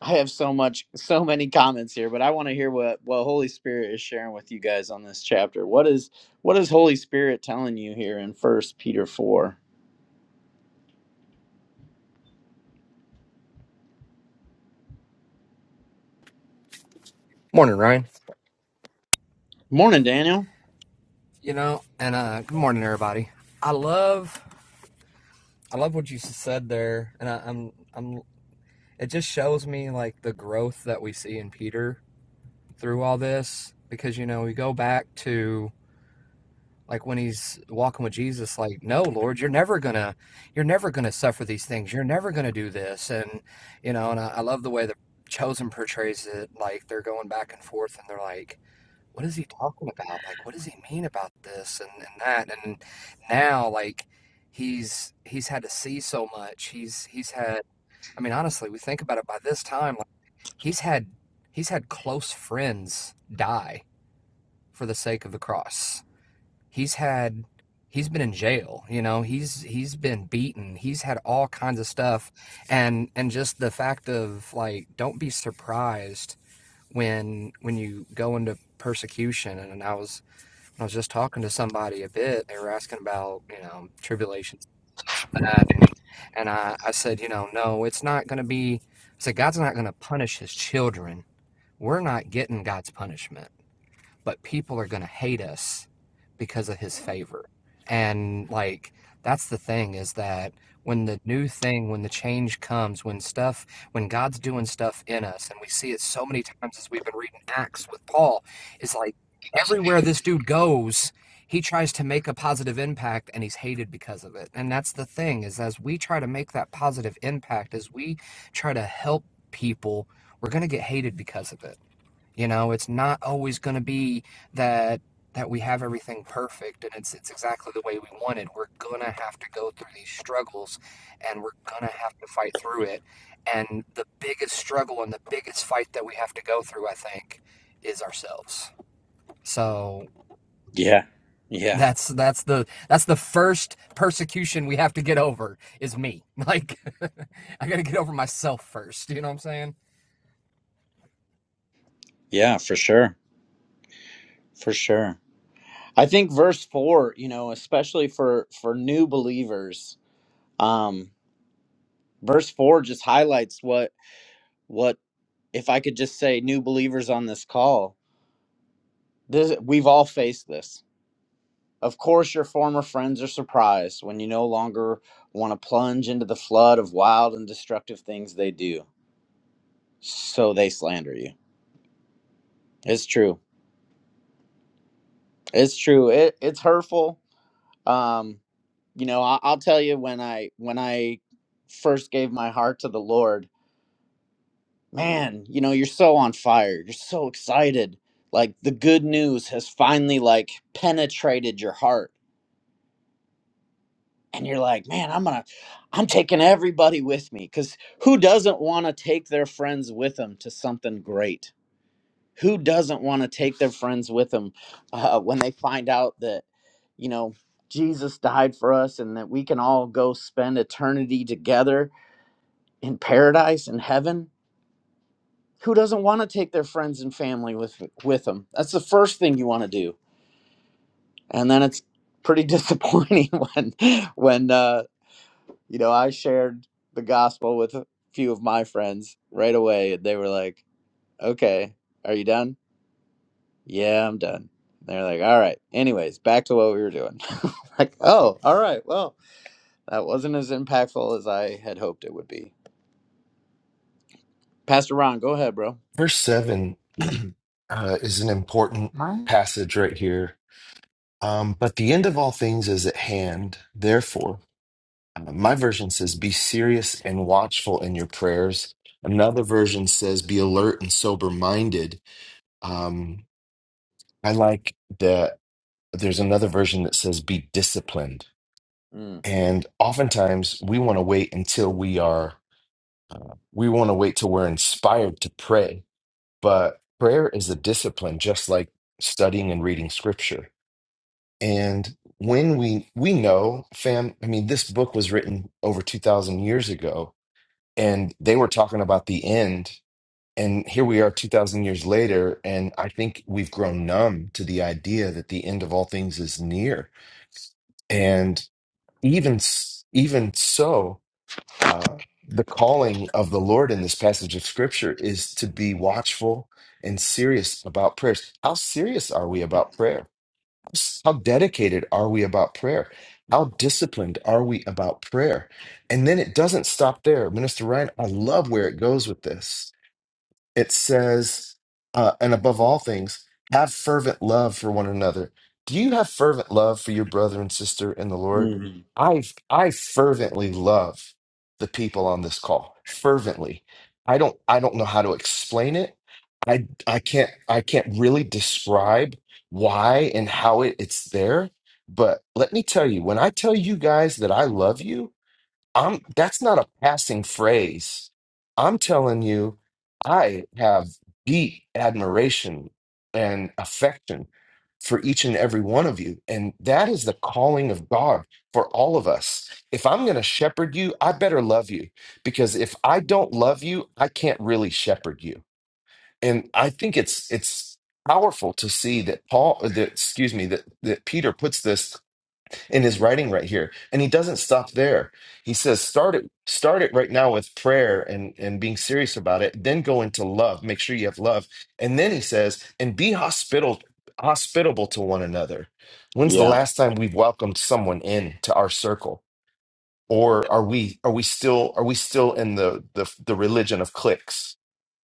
S11: I have so much, so many comments here, but I want to hear what what Holy Spirit is sharing with you guys on this chapter. What is what is Holy Spirit telling you here in First Peter four?
S12: Morning, Ryan.
S11: Morning, Daniel.
S12: You know, and uh, good morning, everybody. I love, I love what you s- said there, and I, I'm, I'm. It just shows me like the growth that we see in Peter through all this, because you know we go back to like when he's walking with Jesus, like, no, Lord, you're never gonna, you're never gonna suffer these things. You're never gonna do this, and you know, and I, I love the way that Chosen portrays it. Like they're going back and forth, and they're like what is he talking about? Like, what does he mean about this and, and that? And now, like, he's he's had to see so much. He's he's had. I mean, honestly, we think about it. By this time, like, he's had he's had close friends die for the sake of the cross. He's had he's been in jail. You know, he's he's been beaten. He's had all kinds of stuff, and and just the fact of like, don't be surprised when when you go into persecution and, i was I was just talking to somebody a bit. They were asking about, you know, tribulations, this, that, and and I, I said, you know, no, it's not going to be. I said, God's not going to punish His children. We're not getting God's punishment but people are going to hate us because of his favor. And like that's the thing is that when the new thing, when the change comes, when stuff, when God's doing stuff in us, and we see it so many times as we've been reading Acts with Paul, is like everywhere this dude goes, he tries to make a positive impact and he's hated because of it. And that's the thing is as we try to make that positive impact, as we try to help people, we're going to get hated because of it you know, it's not always going to be that that we have everything perfect and it's it's exactly the way we wanted. We're going to have to go through these struggles and we're going to have to fight through it. And the biggest struggle and the biggest fight that we have to go through, I think, is ourselves. So
S11: Yeah, yeah,
S12: that's that's the that's the first persecution we have to get over is me. Like I got to get over myself first, you know what I'm saying?
S11: yeah, for sure, for sure. I think verse four, you know, especially for for new believers, um, verse four just highlights what what if I could just say new believers on this call. This we've all faced this. Of course, your former friends are surprised when you no longer want to plunge into the flood of wild and destructive things they do. So they slander you. It's true. It's true. It, it's hurtful. Um, you know, I, I'll tell you when I when I first gave my heart to the Lord, man, you know, you're so on fire. You're so excited. Like the good news has finally like penetrated your heart and you're like, man, I'm gonna, I'm taking everybody with me because who doesn't want to take their friends with them to something great? Who doesn't want to take their friends with them uh, when they find out that you know Jesus died for us and that we can all go spend eternity together in paradise in heaven? Who doesn't want to take their friends and family with with them? That's the first thing you want to do, and then it's pretty disappointing when when uh, You know, I shared the gospel with a few of my friends right away, and they were like, "Okay, are you done?" "Yeah, I'm done." They're like, "All right." Anyways, back to what we were doing. like, oh, all right. Well, that wasn't as impactful as I had hoped it would be. Pastor Ron, go ahead, bro.
S5: Verse 7 uh, is an important passage right here. Um, but the end of all things is at hand. Therefore, Uh, My version says, Be serious and watchful in your prayers. Another version says, Be alert and sober minded. Um, I like the, there's another version that says, Be disciplined.
S11: Mm.
S5: And oftentimes we want to wait until we are, we want to wait till we're inspired to pray. But prayer is a discipline, just like studying and reading scripture. And when we, we know, fam, I mean, this book was written over 2,000 years ago and they were talking about the end and here we are 2000 years later and i think we've grown numb to the idea that the end of all things is near and even s- even so uh the calling of the lord in this passage of scripture is to be watchful and serious about prayers how serious are we about prayer how dedicated are we about prayer how disciplined are we about prayer and then it doesn't stop there minister ryan i love where it goes with this it says, uh, and above all things, have fervent love for one another. Do you have fervent love for your brother and sister in the Lord?
S11: Mhm.
S5: I I fervently love the people on this call. Fervently. I don't I don't know how to explain it. I I can't I can't really describe why and how it, it's there. But let me tell you, when I tell you guys that I love you, I'm that's not a passing phrase. I'm telling you, I have deep admiration and affection for each and every one of you. And that is the calling of God for all of us. If I'm going to shepherd you, I better love you because if I don't love you, I can't really shepherd you. And I think it's it's powerful to see that Paul that excuse me that that Peter puts this in his writing right here. And he doesn't stop there. He says, start it, start it right now with prayer and, and being serious about it. Then go into love. Make sure you have love. And then he says, and be hospitable, hospitable to one another. When's the
S11: Yeah.
S5: last time we've welcomed someone in to our circle? Or are we are we still are we still in the the, the religion of cliques?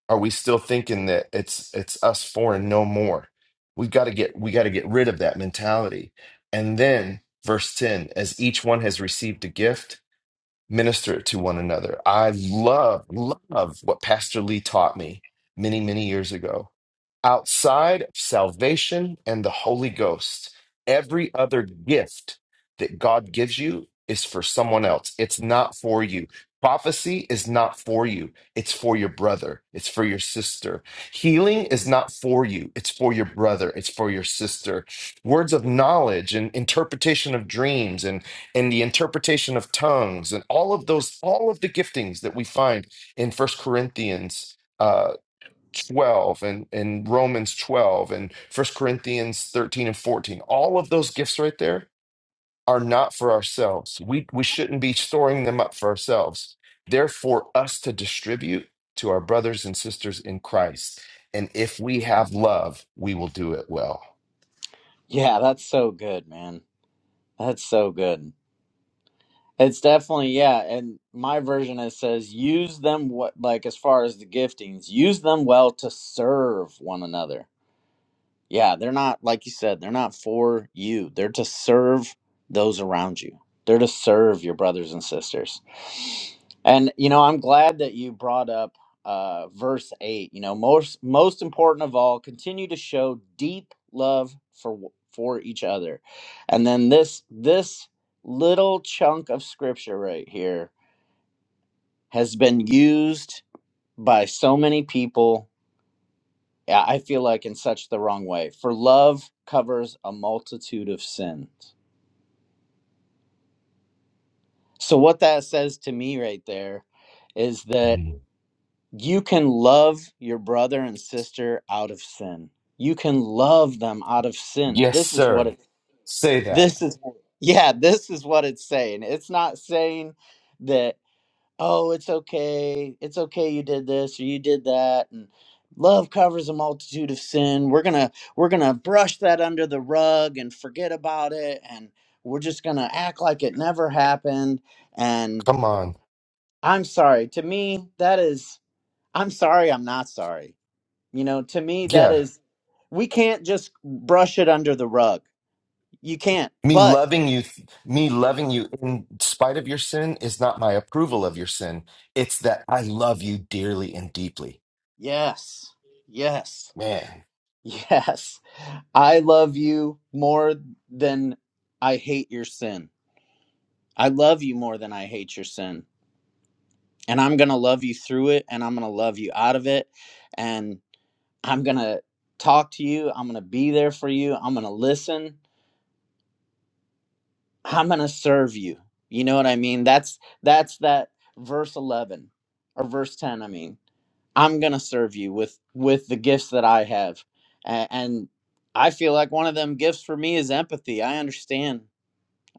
S5: Are we still thinking that it's it's us four and no more? We've got to get we got to get rid of that mentality. And then verse 10, as each one has received a gift, minister it to one another. I love, love what Pastor Lee taught me many, many years ago. Outside of salvation and the Holy Ghost, every other gift that God gives you is for someone else. It's not for you. Prophecy is not for you. It's for your brother. It's for your sister. Healing is not for you. It's for your brother. It's for your sister. Words of knowledge and interpretation of dreams and and the interpretation of tongues and all of those all of the giftings that we find in first corinthians uh 12 and, and romans 12 and first corinthians 13 and 14 all of those gifts right there are not for ourselves we we shouldn't be storing them up for ourselves they're for us to distribute to our brothers and sisters in christ and if we have love we will do it well
S11: Yeah, that's so good, man. That's so good. It's definitely, yeah. And my version it says, use them what like as far as the giftings, use them well to serve one another. Yeah, they're not, like you said, they're not for you. They're to serve those around you, they're to serve your brothers and sisters. And, you know, I'm glad that you brought up uh, verse 8. You know, most, most important of all, continue to show deep love for for each other. And then this this little chunk of scripture right here has been used by so many people yeah, I feel like in such the wrong way. For love covers a multitude of sins. So, what that says to me right there is that
S5: Mm.
S11: you can love your brother and sister out of sin. You can love them out of sin.
S5: yes
S11: This is what
S5: sir
S11: it,
S5: say
S11: this
S5: that
S11: is, yeah, this is what it's saying. It's not saying that oh, it's okay. It's okay you did this or you did that and love covers a multitude of sin. We're going to we're going to brush that under the rug and forget about it and we're just going to act like it never happened and
S5: come on
S11: I'm sorry. To me, that is I'm sorry, I'm not sorry. You know, to me that
S5: yeah
S11: is we can't just brush it under the rug. You can't.
S5: Me
S11: But
S5: loving you, me loving you in spite of your sin is not my approval of your sin. It's that I love you dearly and deeply.
S11: yes. Yes.
S5: Man.
S11: Yes. I love you more than I hate your sin. I love you more than I hate your sin. And I'm going to love you through it and I'm going to love you out of it. And I'm going to talk to you. I'm going to be there for you. I'm going to listen. I'm going to serve you. You know what I mean? That's that's that verse 11 or verse 10 I mean. I'm gonna serve you with with the gifts that I have, and, and I feel like one of them gifts for me is empathy. I understand.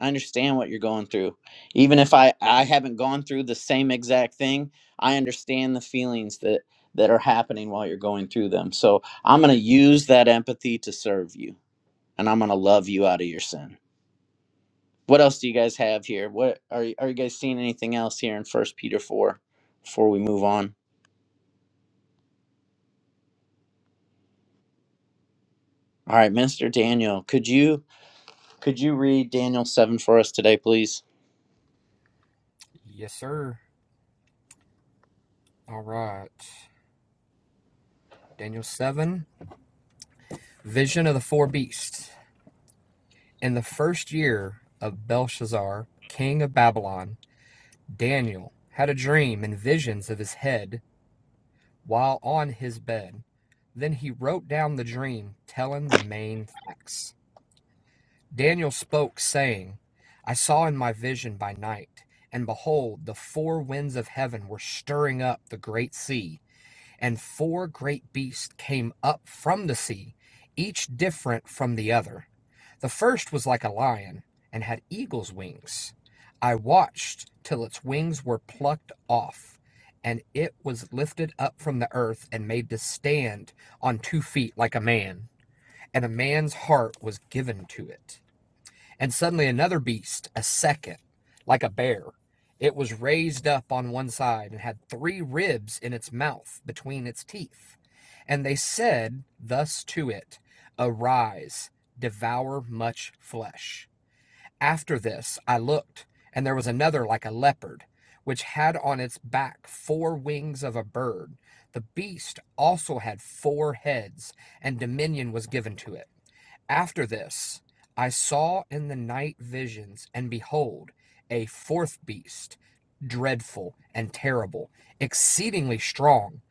S11: I understand what you're going through, even if I I haven't gone through the same exact thing. I understand the feelings that that are happening while you're going through them. So I'm gonna use that empathy to serve you, and I'm gonna love you out of your sin. What else do you guys have here? What are you- are you guys seeing anything else here in First Peter four before we move on? All right, Minister Daniel, could you? Could you read Daniel 7 for us today, please?
S12: Yes, sir. All right. Daniel 7 Vision of the four beasts. In the first year of Belshazzar, king of Babylon, Daniel had a dream and visions of his head while on his bed. Then he wrote down the dream, telling the main facts. Daniel spoke, saying, I saw in my vision by night, and behold, the four winds of heaven were stirring up the great sea, and four great beasts came up from the sea, each different from the other. The first was like a lion and had eagle's wings. I watched till its wings were plucked off, and it was lifted up from the earth and made to stand on two feet like a man, and a man's heart was given to it. And suddenly another beast, a second, like a bear. It was raised up on one side and had three ribs in its mouth between its teeth. And they said thus to it, Arise, devour much flesh. After this I looked, and there was another like a leopard, which had on its back four wings of a bird. The beast also had four heads, and dominion was given to it. After this, I saw in the night visions, and behold, a fourth beast, dreadful and terrible, exceedingly strong.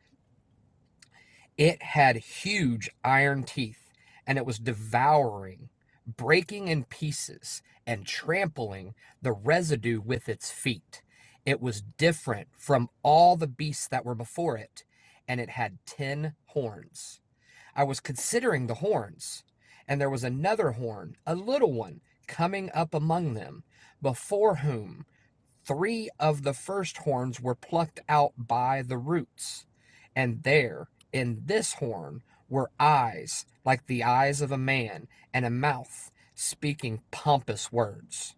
S12: It had huge iron teeth, and it was devouring, breaking in pieces, and trampling the residue with its feet. It was different from all the beasts that were before it, and it had ten horns. I was considering the horns, and there was another horn, a little one, coming up among them, before whom three of the first horns were plucked out by the roots. And there, in this horn, were eyes like the eyes of a man, and a mouth speaking pompous words.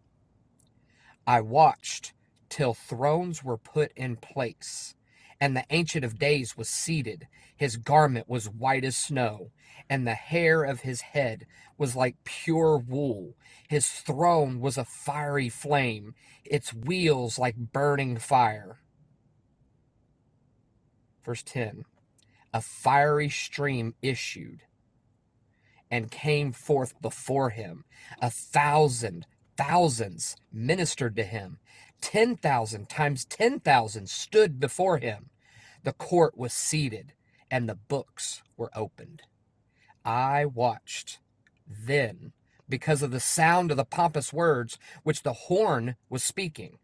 S12: I watched till thrones were put in place, and the Ancient of Days was seated. His garment was white as snow, and the hair of his head was like pure wool. His throne was a fiery flame, its wheels like burning fire. Verse 10 A fiery stream issued. and came forth before him. A thousand thousands ministered to him. 10,000 times 10,000 stood before him. The court was seated and the books were opened. I watched then because of the sound of the pompous words which the horn was speaking.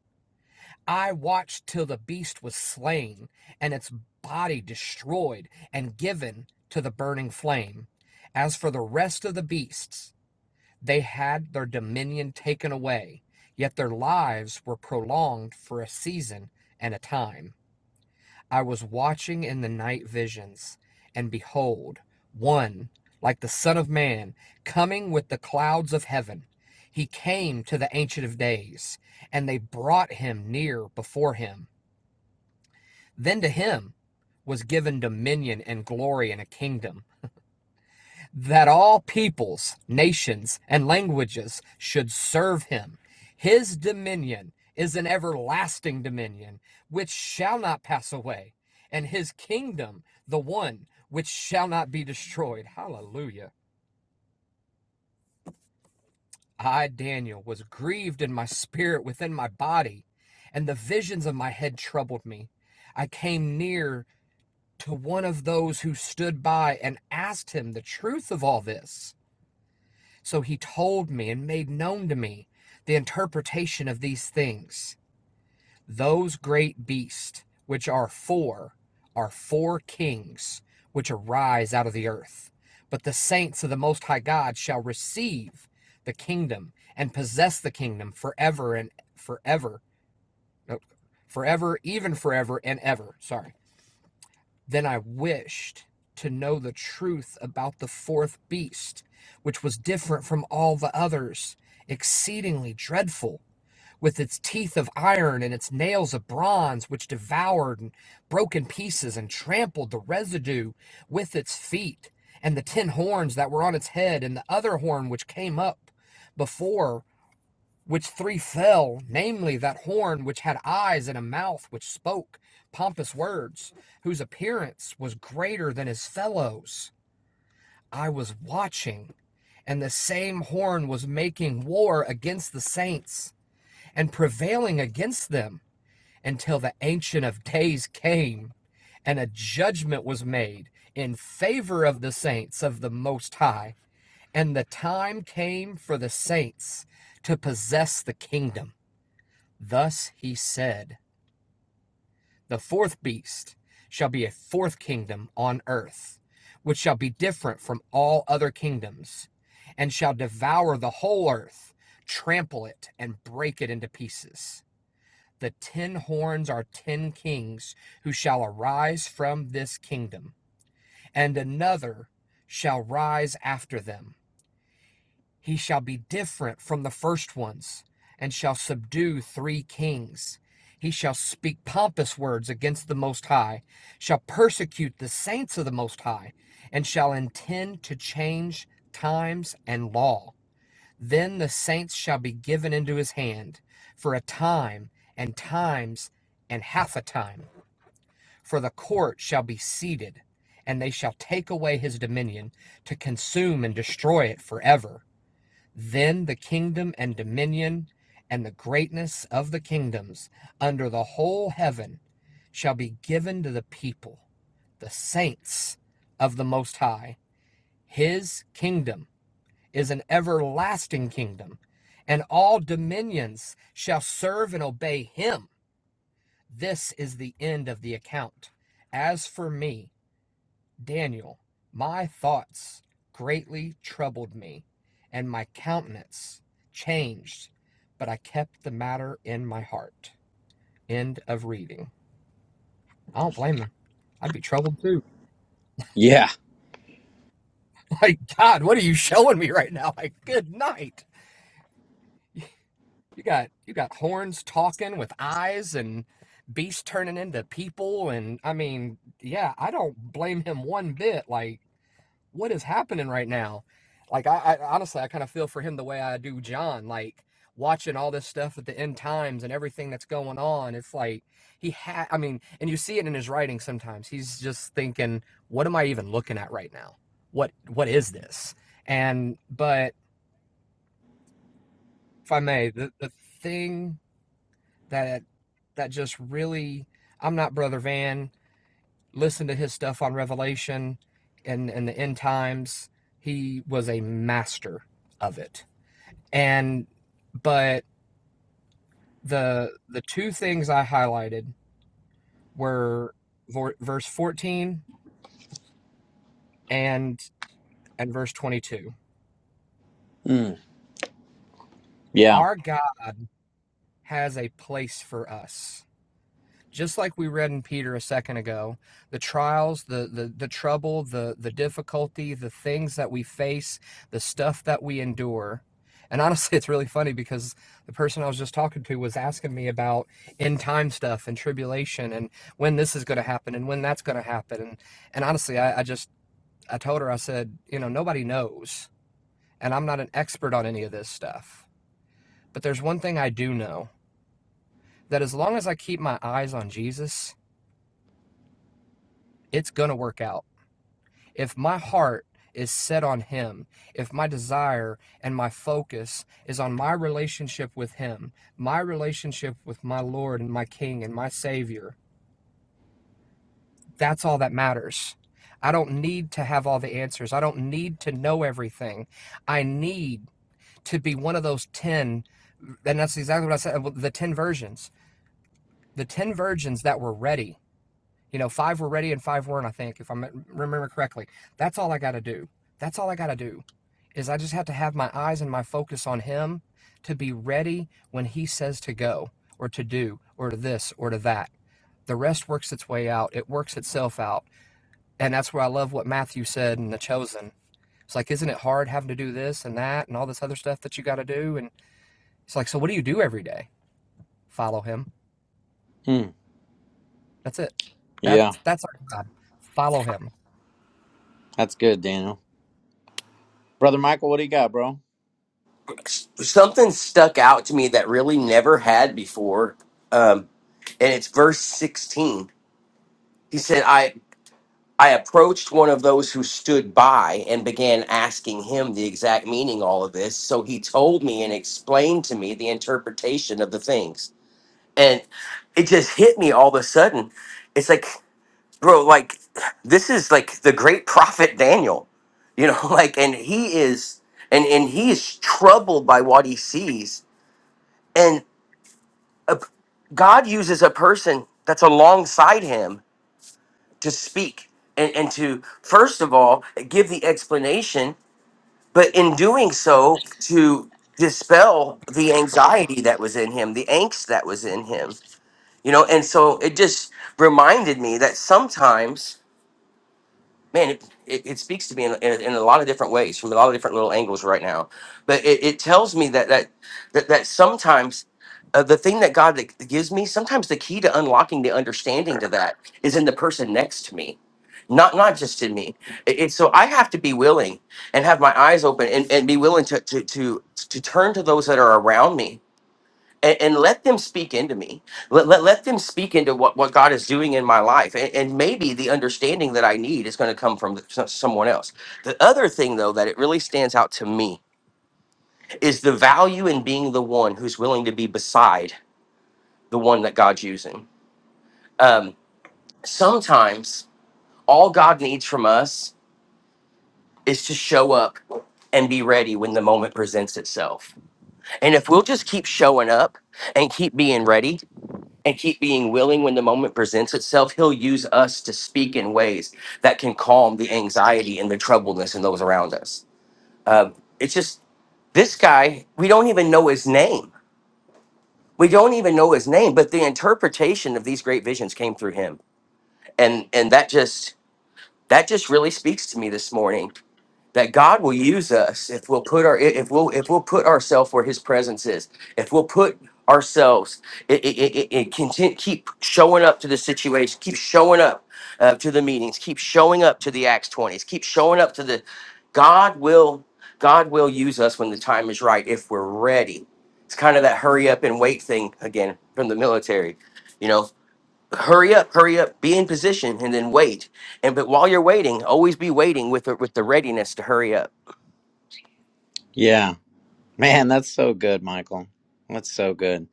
S12: I watched till the beast was slain and its body destroyed and given to the burning flame. As for the rest of the beasts, they had their dominion taken away, yet their lives were prolonged for a season and a time. I was watching in the night visions, and behold, one, like the Son of Man, coming with the clouds of heaven. He came to the Ancient of Days, and they brought him near before him. Then to him was given dominion and glory and a kingdom that all peoples, nations, and languages should serve him. His dominion is an everlasting dominion which shall not pass away, and his kingdom the one which shall not be destroyed. Hallelujah. I, Daniel, was grieved in my spirit within my body, and the visions of my head troubled me. I came near to one of those who stood by and asked him the truth of all this. So he told me and made known to me the interpretation of these things. Those great beasts, which are four, are four kings which arise out of the earth. But the saints of the Most High God shall receive the kingdom and possess the kingdom forever and forever. No, forever, even forever and ever. Sorry. Then I wished to know the truth about the fourth beast, which was different from all the others, exceedingly dreadful, with its teeth of iron and its nails of bronze, which devoured and broke in pieces and trampled the residue with its feet, and the ten horns that were on its head, and the other horn which came up before which three fell, namely that horn which had eyes and a mouth which spoke pompous words, whose appearance was greater than his fellows. I was watching, and the same horn was making war against the saints and prevailing against them until the Ancient of Days came and a judgment was made in favor of the saints of the Most High. And the time came for the saints to possess the kingdom. Thus he said, The fourth beast shall be a fourth kingdom on earth, which shall be different from all other kingdoms, and shall devour the whole earth, trample it, and break it into pieces. The ten horns are ten kings who shall arise from this kingdom, and another shall rise after them He shall be different from the first ones, and shall subdue three kings. He shall speak pompous words against the Most High, shall persecute the saints of the Most High, and shall intend to change times and law. Then the saints shall be given into his hand for a time, and times, and half a time. For the court shall be seated, and they shall take away his dominion to consume and destroy it forever. Then the kingdom and dominion and the greatness of the kingdoms under the whole heaven shall be given to the people, the saints of the Most High. His kingdom is an everlasting kingdom, and all dominions shall serve and obey him. This is the end of the account. As for me, Daniel, my thoughts greatly troubled me, and my countenance changed, but I kept the matter in my heart. End of reading. I don't blame them. I'd be troubled too.
S11: Yeah.
S12: Like, God, what are you showing me right now? Like, good night. You got you got horns talking with eyes and beasts turning into people and I mean, yeah, I don't blame him one bit. Like what is happening right now? Like I, I honestly I kind of feel for him the way I do John, like watching all this stuff at the end times and everything that's going on. It's like he had I mean, and you see it in his writing sometimes. He's just thinking, what am I even looking at right now? What what is this? And but if I may, the, the thing that that just really I'm not Brother Van. listen to his stuff on Revelation and, and the end times. He was a master of it. And but the the two things I highlighted were verse 14 and and verse 22.
S11: Mm. Yeah.
S12: Our God has a place for us. just like we read in Peter a second ago, the trials, the the the trouble, the the difficulty, the things that we face, the stuff that we endure. And honestly, it's really funny because the person I was just talking to was asking me about end time stuff and tribulation and when this is going to happen and when that's going to happen. And and honestly, I, I just I told her I said, you know, nobody knows, and I'm not an expert on any of this stuff. But there's one thing I do know that as long as I keep my eyes on Jesus, it's going to work out If my heart is set on Him, if my desire and my focus is on my relationship with Him, my relationship with my Lord and my King and my Savior, that's all that matters. I don't need to have all the answers. I don't need to know everything. I need to be one of those 10, and that's exactly what I said well, the 10 virgins, the 10 virgins that were ready You know, five were ready and five weren't, I think, if I remember correctly. That's all I got to do. That's all I got to do is I just have to have my eyes and my focus on him to be ready when he says to go or to do or to this or to that. The rest works its way out. It works itself out. And that's where I love what Matthew said in The Chosen. It's like, isn't it hard having to do this and that and all this other stuff that you got to do? And it's like, so what do you do every day? Follow him.
S11: Mm.
S12: That's it.
S11: Yeah.
S12: That's that's our job. Follow him.
S11: That's good, Daniel. Brother Michael, what do you got, bro?
S2: S- Something stuck out to me that really never had before. Um, and it's verse 16. He said, I I approached one of those who stood by and began asking him the exact meaning of all of this. So he told me and explained to me the interpretation of the things. and it just hit me all of a sudden. It's like, bro, like this is like the great prophet Daniel, you know, like, and he is, and and he is troubled by what he sees, and a, God uses a person that's alongside him to speak and and to first of all give the explanation, but in doing so to dispel the anxiety that was in him, the angst that was in him you know and so it just reminded me that sometimes man it, it, it speaks to me in, in, in a lot of different ways from a lot of different little angles right now but it, it tells me that that that, that sometimes uh, the thing that god that gives me sometimes the key to unlocking the understanding to that is in the person next to me not not just in me It- it's so i have to be willing and have my eyes open and, and be willing to, to to to turn to those that are around me and, and let them speak into me. Let, let, let them speak into what, what God is doing in my life. And, and maybe the understanding that I need is going to come from s- someone else. The other thing, though, that it really stands out to me is the value in being the one who's willing to be beside the one that God's using. Um, sometimes all God needs from us is to show up and be ready when the moment presents itself. And if we'll just keep showing up and keep being ready, and keep being willing when the moment presents itself, he'll use us to speak in ways that can calm the anxiety and the troubledness in those around us. Uh, it's just this guy, we don't even know his name. We don't even know his name, but the interpretation of these great visions came through him. And and that just that just really speaks to me this morning that God will use us if we'll put our if we'll if we'll put ourselves where His presence is. If we'll put ourselves it, it, it, it, it content, keep showing up to the situation, keep showing up uh, to the meetings, keep showing up to the Acts twenties, keep showing up to the God will God will use us when the time is right if we're ready. It's kind of that hurry up and wait thing again from the military, you know hurry up, hurry up, be in position, and then wait. And but while you're waiting, always be waiting with the, with the readiness to hurry up.
S11: Yeah. Man, that's so good, Michael. That's so good.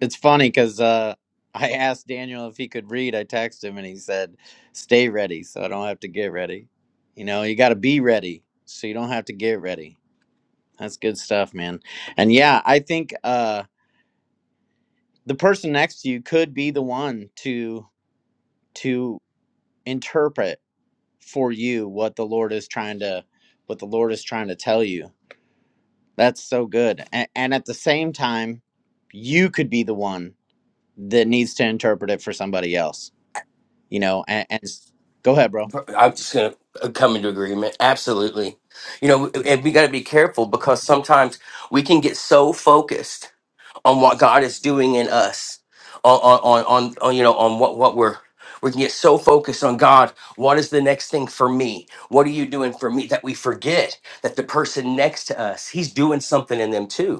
S11: It's funny because uh, I asked Daniel if he could read. I texted him and he said, stay ready so I don't have to get ready. You know, you got to be ready so you don't have to get ready. That's good stuff, man. And yeah, I think uh, the person next to you could be the one to to interpret for you what the Lord is trying to what the Lord is trying to tell you. That's so good. And, and at the same time, you could be the one that needs to interpret it for somebody else. You know, and, and s- go ahead, bro.
S2: I'm just gonna uh, come into agreement. Absolutely, you know, and we got to be careful because sometimes we can get so focused on what God is doing in us, on on on, on, on you know on what what we're. We can get so focused on God. What is the next thing for me? What are you doing for me? That we forget that the person next to us, he's doing something in them too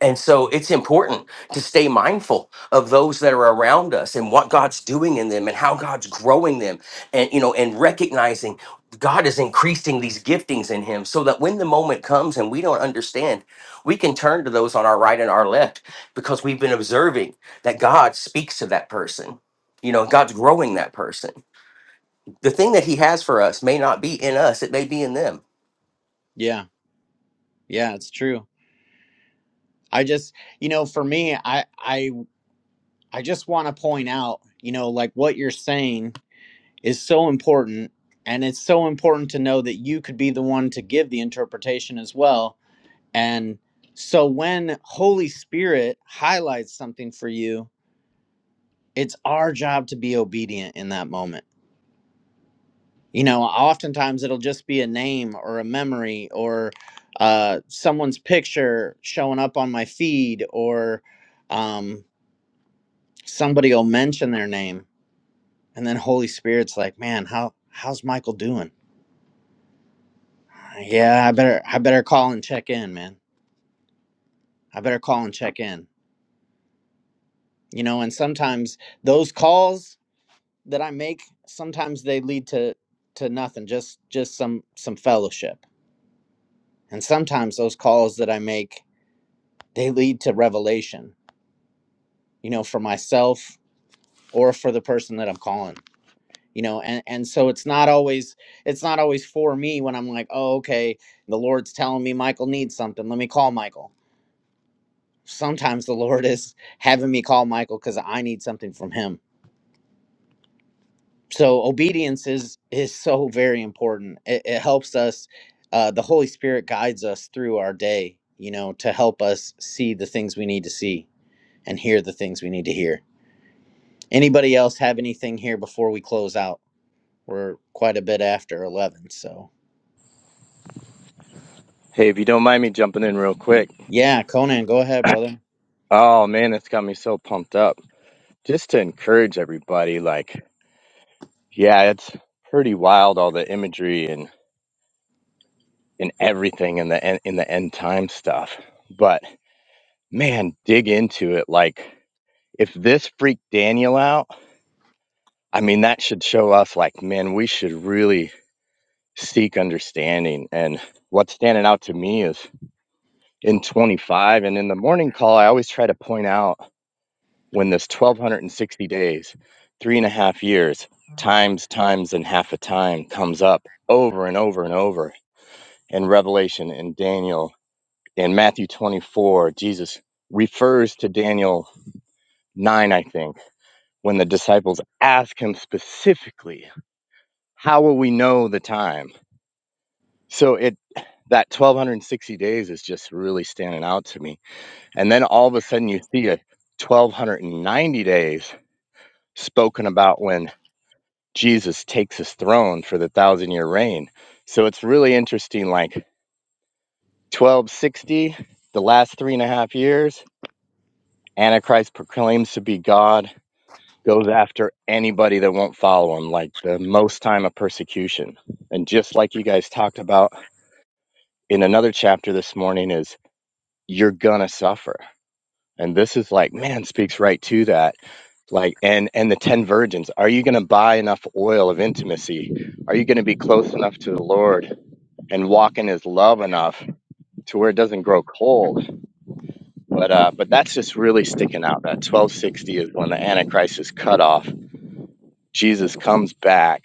S2: And so it's important to stay mindful of those that are around us and what God's doing in them and how God's growing them and you know and recognizing God is increasing these giftings in him so that when the moment comes and we don't understand, we can turn to those on our right and our left because we've been observing that God speaks to that person. You know, God's growing that person. The thing that he has for us may not be in us, it may be in them
S11: Yeah. Yeah, it's true. I just, you know, for me, I I I just want to point out, you know, like what you're saying is so important and it's so important to know that you could be the one to give the interpretation as well And so when Holy Spirit highlights something for you, it's our job to be obedient in that moment. You know, oftentimes it'll just be a name or a memory or uh, someone's picture showing up on my feed or um, somebody will mention their name. And then Holy Spirit's like, man, how, how's Michael doing? Yeah, I better, I better call and check in, man. I better call and check in. You know, and sometimes those calls that I make sometimes they lead to to nothing just just some some fellowship and sometimes those calls that I make they lead to revelation you know for myself or for the person that I'm calling you know and and so it's not always it's not always for me when I'm like oh okay the Lord's telling me Michael needs something let me call Michael sometimes the Lord is having me call Michael cuz I need something from him so obedience is is so very important it, it helps us uh, the holy spirit guides us through our day you know to help us see the things we need to see and hear the things we need to hear anybody else have anything here before we close out we're quite a bit after 11 so
S13: Hey, if you don't mind me jumping in real quick.
S11: yeah conan go ahead brother
S13: Oh man, it's got me so pumped up. Just to encourage everybody, like, yeah, it's pretty wild all the imagery and and everything in the en- in the end time stuff. But man, dig into it. Like, if this freaked Daniel out, I mean, that should show us, like, man, we should really seek understanding. And what's standing out to me is in 25 and in the morning call, I always try to point out. when this 1260 days, three and a half years, times, times, and half a time comes up over and over and over in Revelation and Daniel. In Matthew 24, Jesus refers to Daniel 9, I think, when the disciples ask him specifically, How will we know the time? So it that 1260 days is just really standing out to me. And then all of a sudden you see a 1290 days spoken about when Jesus takes his throne for the thousand year reign. So it's really interesting. Like 1260, the last three and a half years, Antichrist proclaims to be God, goes after anybody that won't follow him, like the most time of persecution. And just like you guys talked about in another chapter this morning, is you're gonna suffer. And this is like, man, speaks right to that. Like, and and the ten virgins, are you gonna buy enough oil of intimacy? Are you gonna be close enough to the Lord and walk in his love enough to where it doesn't grow cold. But uh, but that's just really sticking out. That 1260 is when the Antichrist is cut off. Jesus comes back,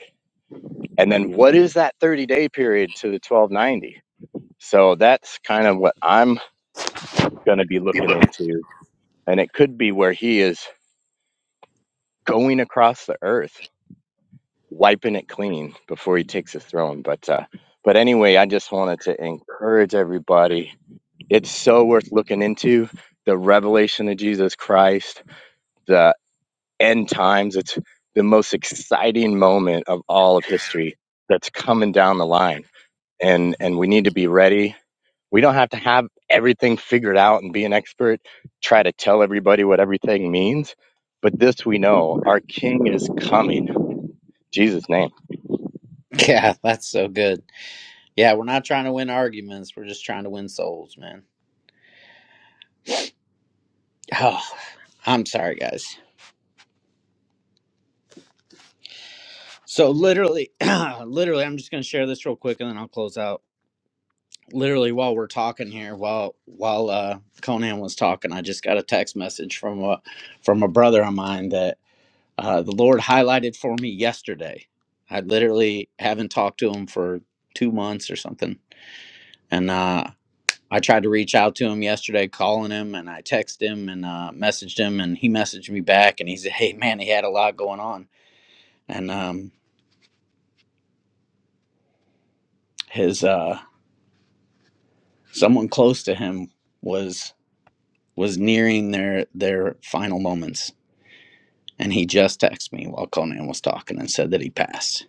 S13: and then what is that 30 day period to the 1290? So that's kind of what I'm going to be looking into, and it could be where he is going across the earth, wiping it clean before he takes his throne. But uh, but anyway, I just wanted to encourage everybody It's so worth looking into the revelation of Jesus Christ, the end times. It's the most exciting moment of all of history that's coming down the line. And and we need to be ready. We don't have to have everything figured out and be an expert, try to tell everybody what everything means. But this we know, our king is coming Jesus' name.
S11: yeah that's so good yeah we're not trying to win arguments we're just trying to win souls man oh i'm sorry guys so literally literally i'm just going to share this real quick and then i'll close out literally while we're talking here while while uh conan was talking i just got a text message from a from a brother of mine that uh the lord highlighted for me yesterday i literally haven't talked to him for two months or something and uh i tried to reach out to him yesterday calling him and i texted him and uh messaged him and he messaged me back and he said hey man he had a lot going on and um his uh someone close to him was was nearing their their final moments And he just texted me while Conan was talking and said that he passed.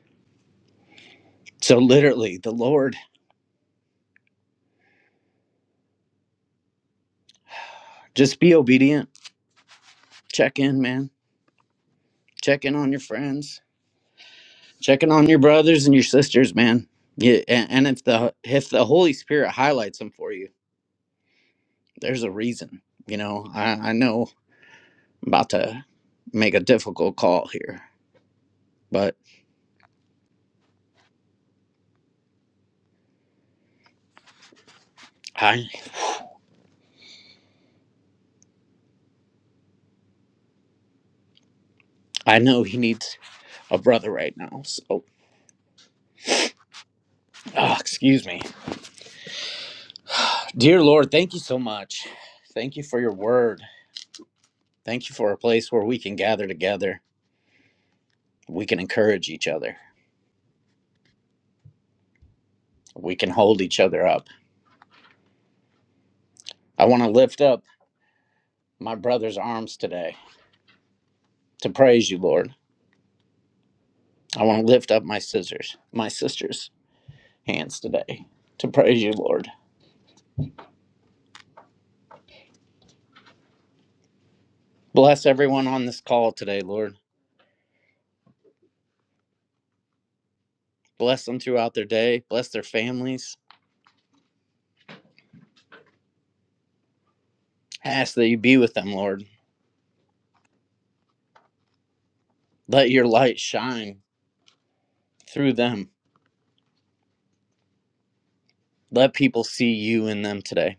S11: So literally, the Lord, just be obedient. Check in, man. Check in on your friends. Check in on your brothers and your sisters, man. Yeah, and, and if the if the Holy Spirit highlights them for you, there's a reason. You know, I, I know I'm about to make a difficult call here, but I I know he needs a brother right now. So, ah, excuse me, dear Lord, thank you so much. Thank you for your word. Thank you for a place where we can gather together. We can encourage each other. We can hold each other up. I want to lift up my brother's arms today to praise you, Lord. I want to lift up my scissors, my sister's hands today to praise you, Lord. Bless everyone on this call today, Lord. Bless them throughout their day. Bless their families. Ask that you be with them, Lord. Let your light shine through them. Let people see you in them today.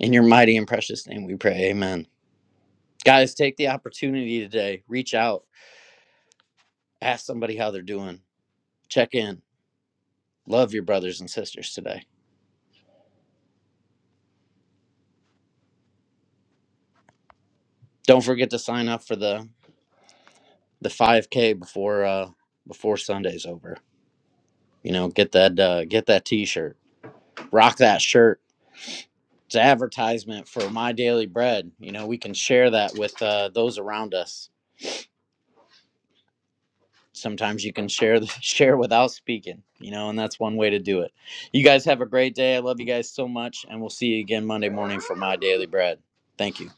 S11: In your mighty and precious name we pray. Amen. Guys, take the opportunity today. Reach out, ask somebody how they're doing, check in. Love your brothers and sisters today. Don't forget to sign up for the the 5K before uh before Sunday's over. You know, get that uh get that t-shirt. Rock that shirt. It's an advertisement for my daily bread. You know, we can share that with uh those around us sometimes you can share the, share without speaking you know and that's one way to do it you guys have a great day i love you guys so much and we'll see you again monday morning for my daily bread thank you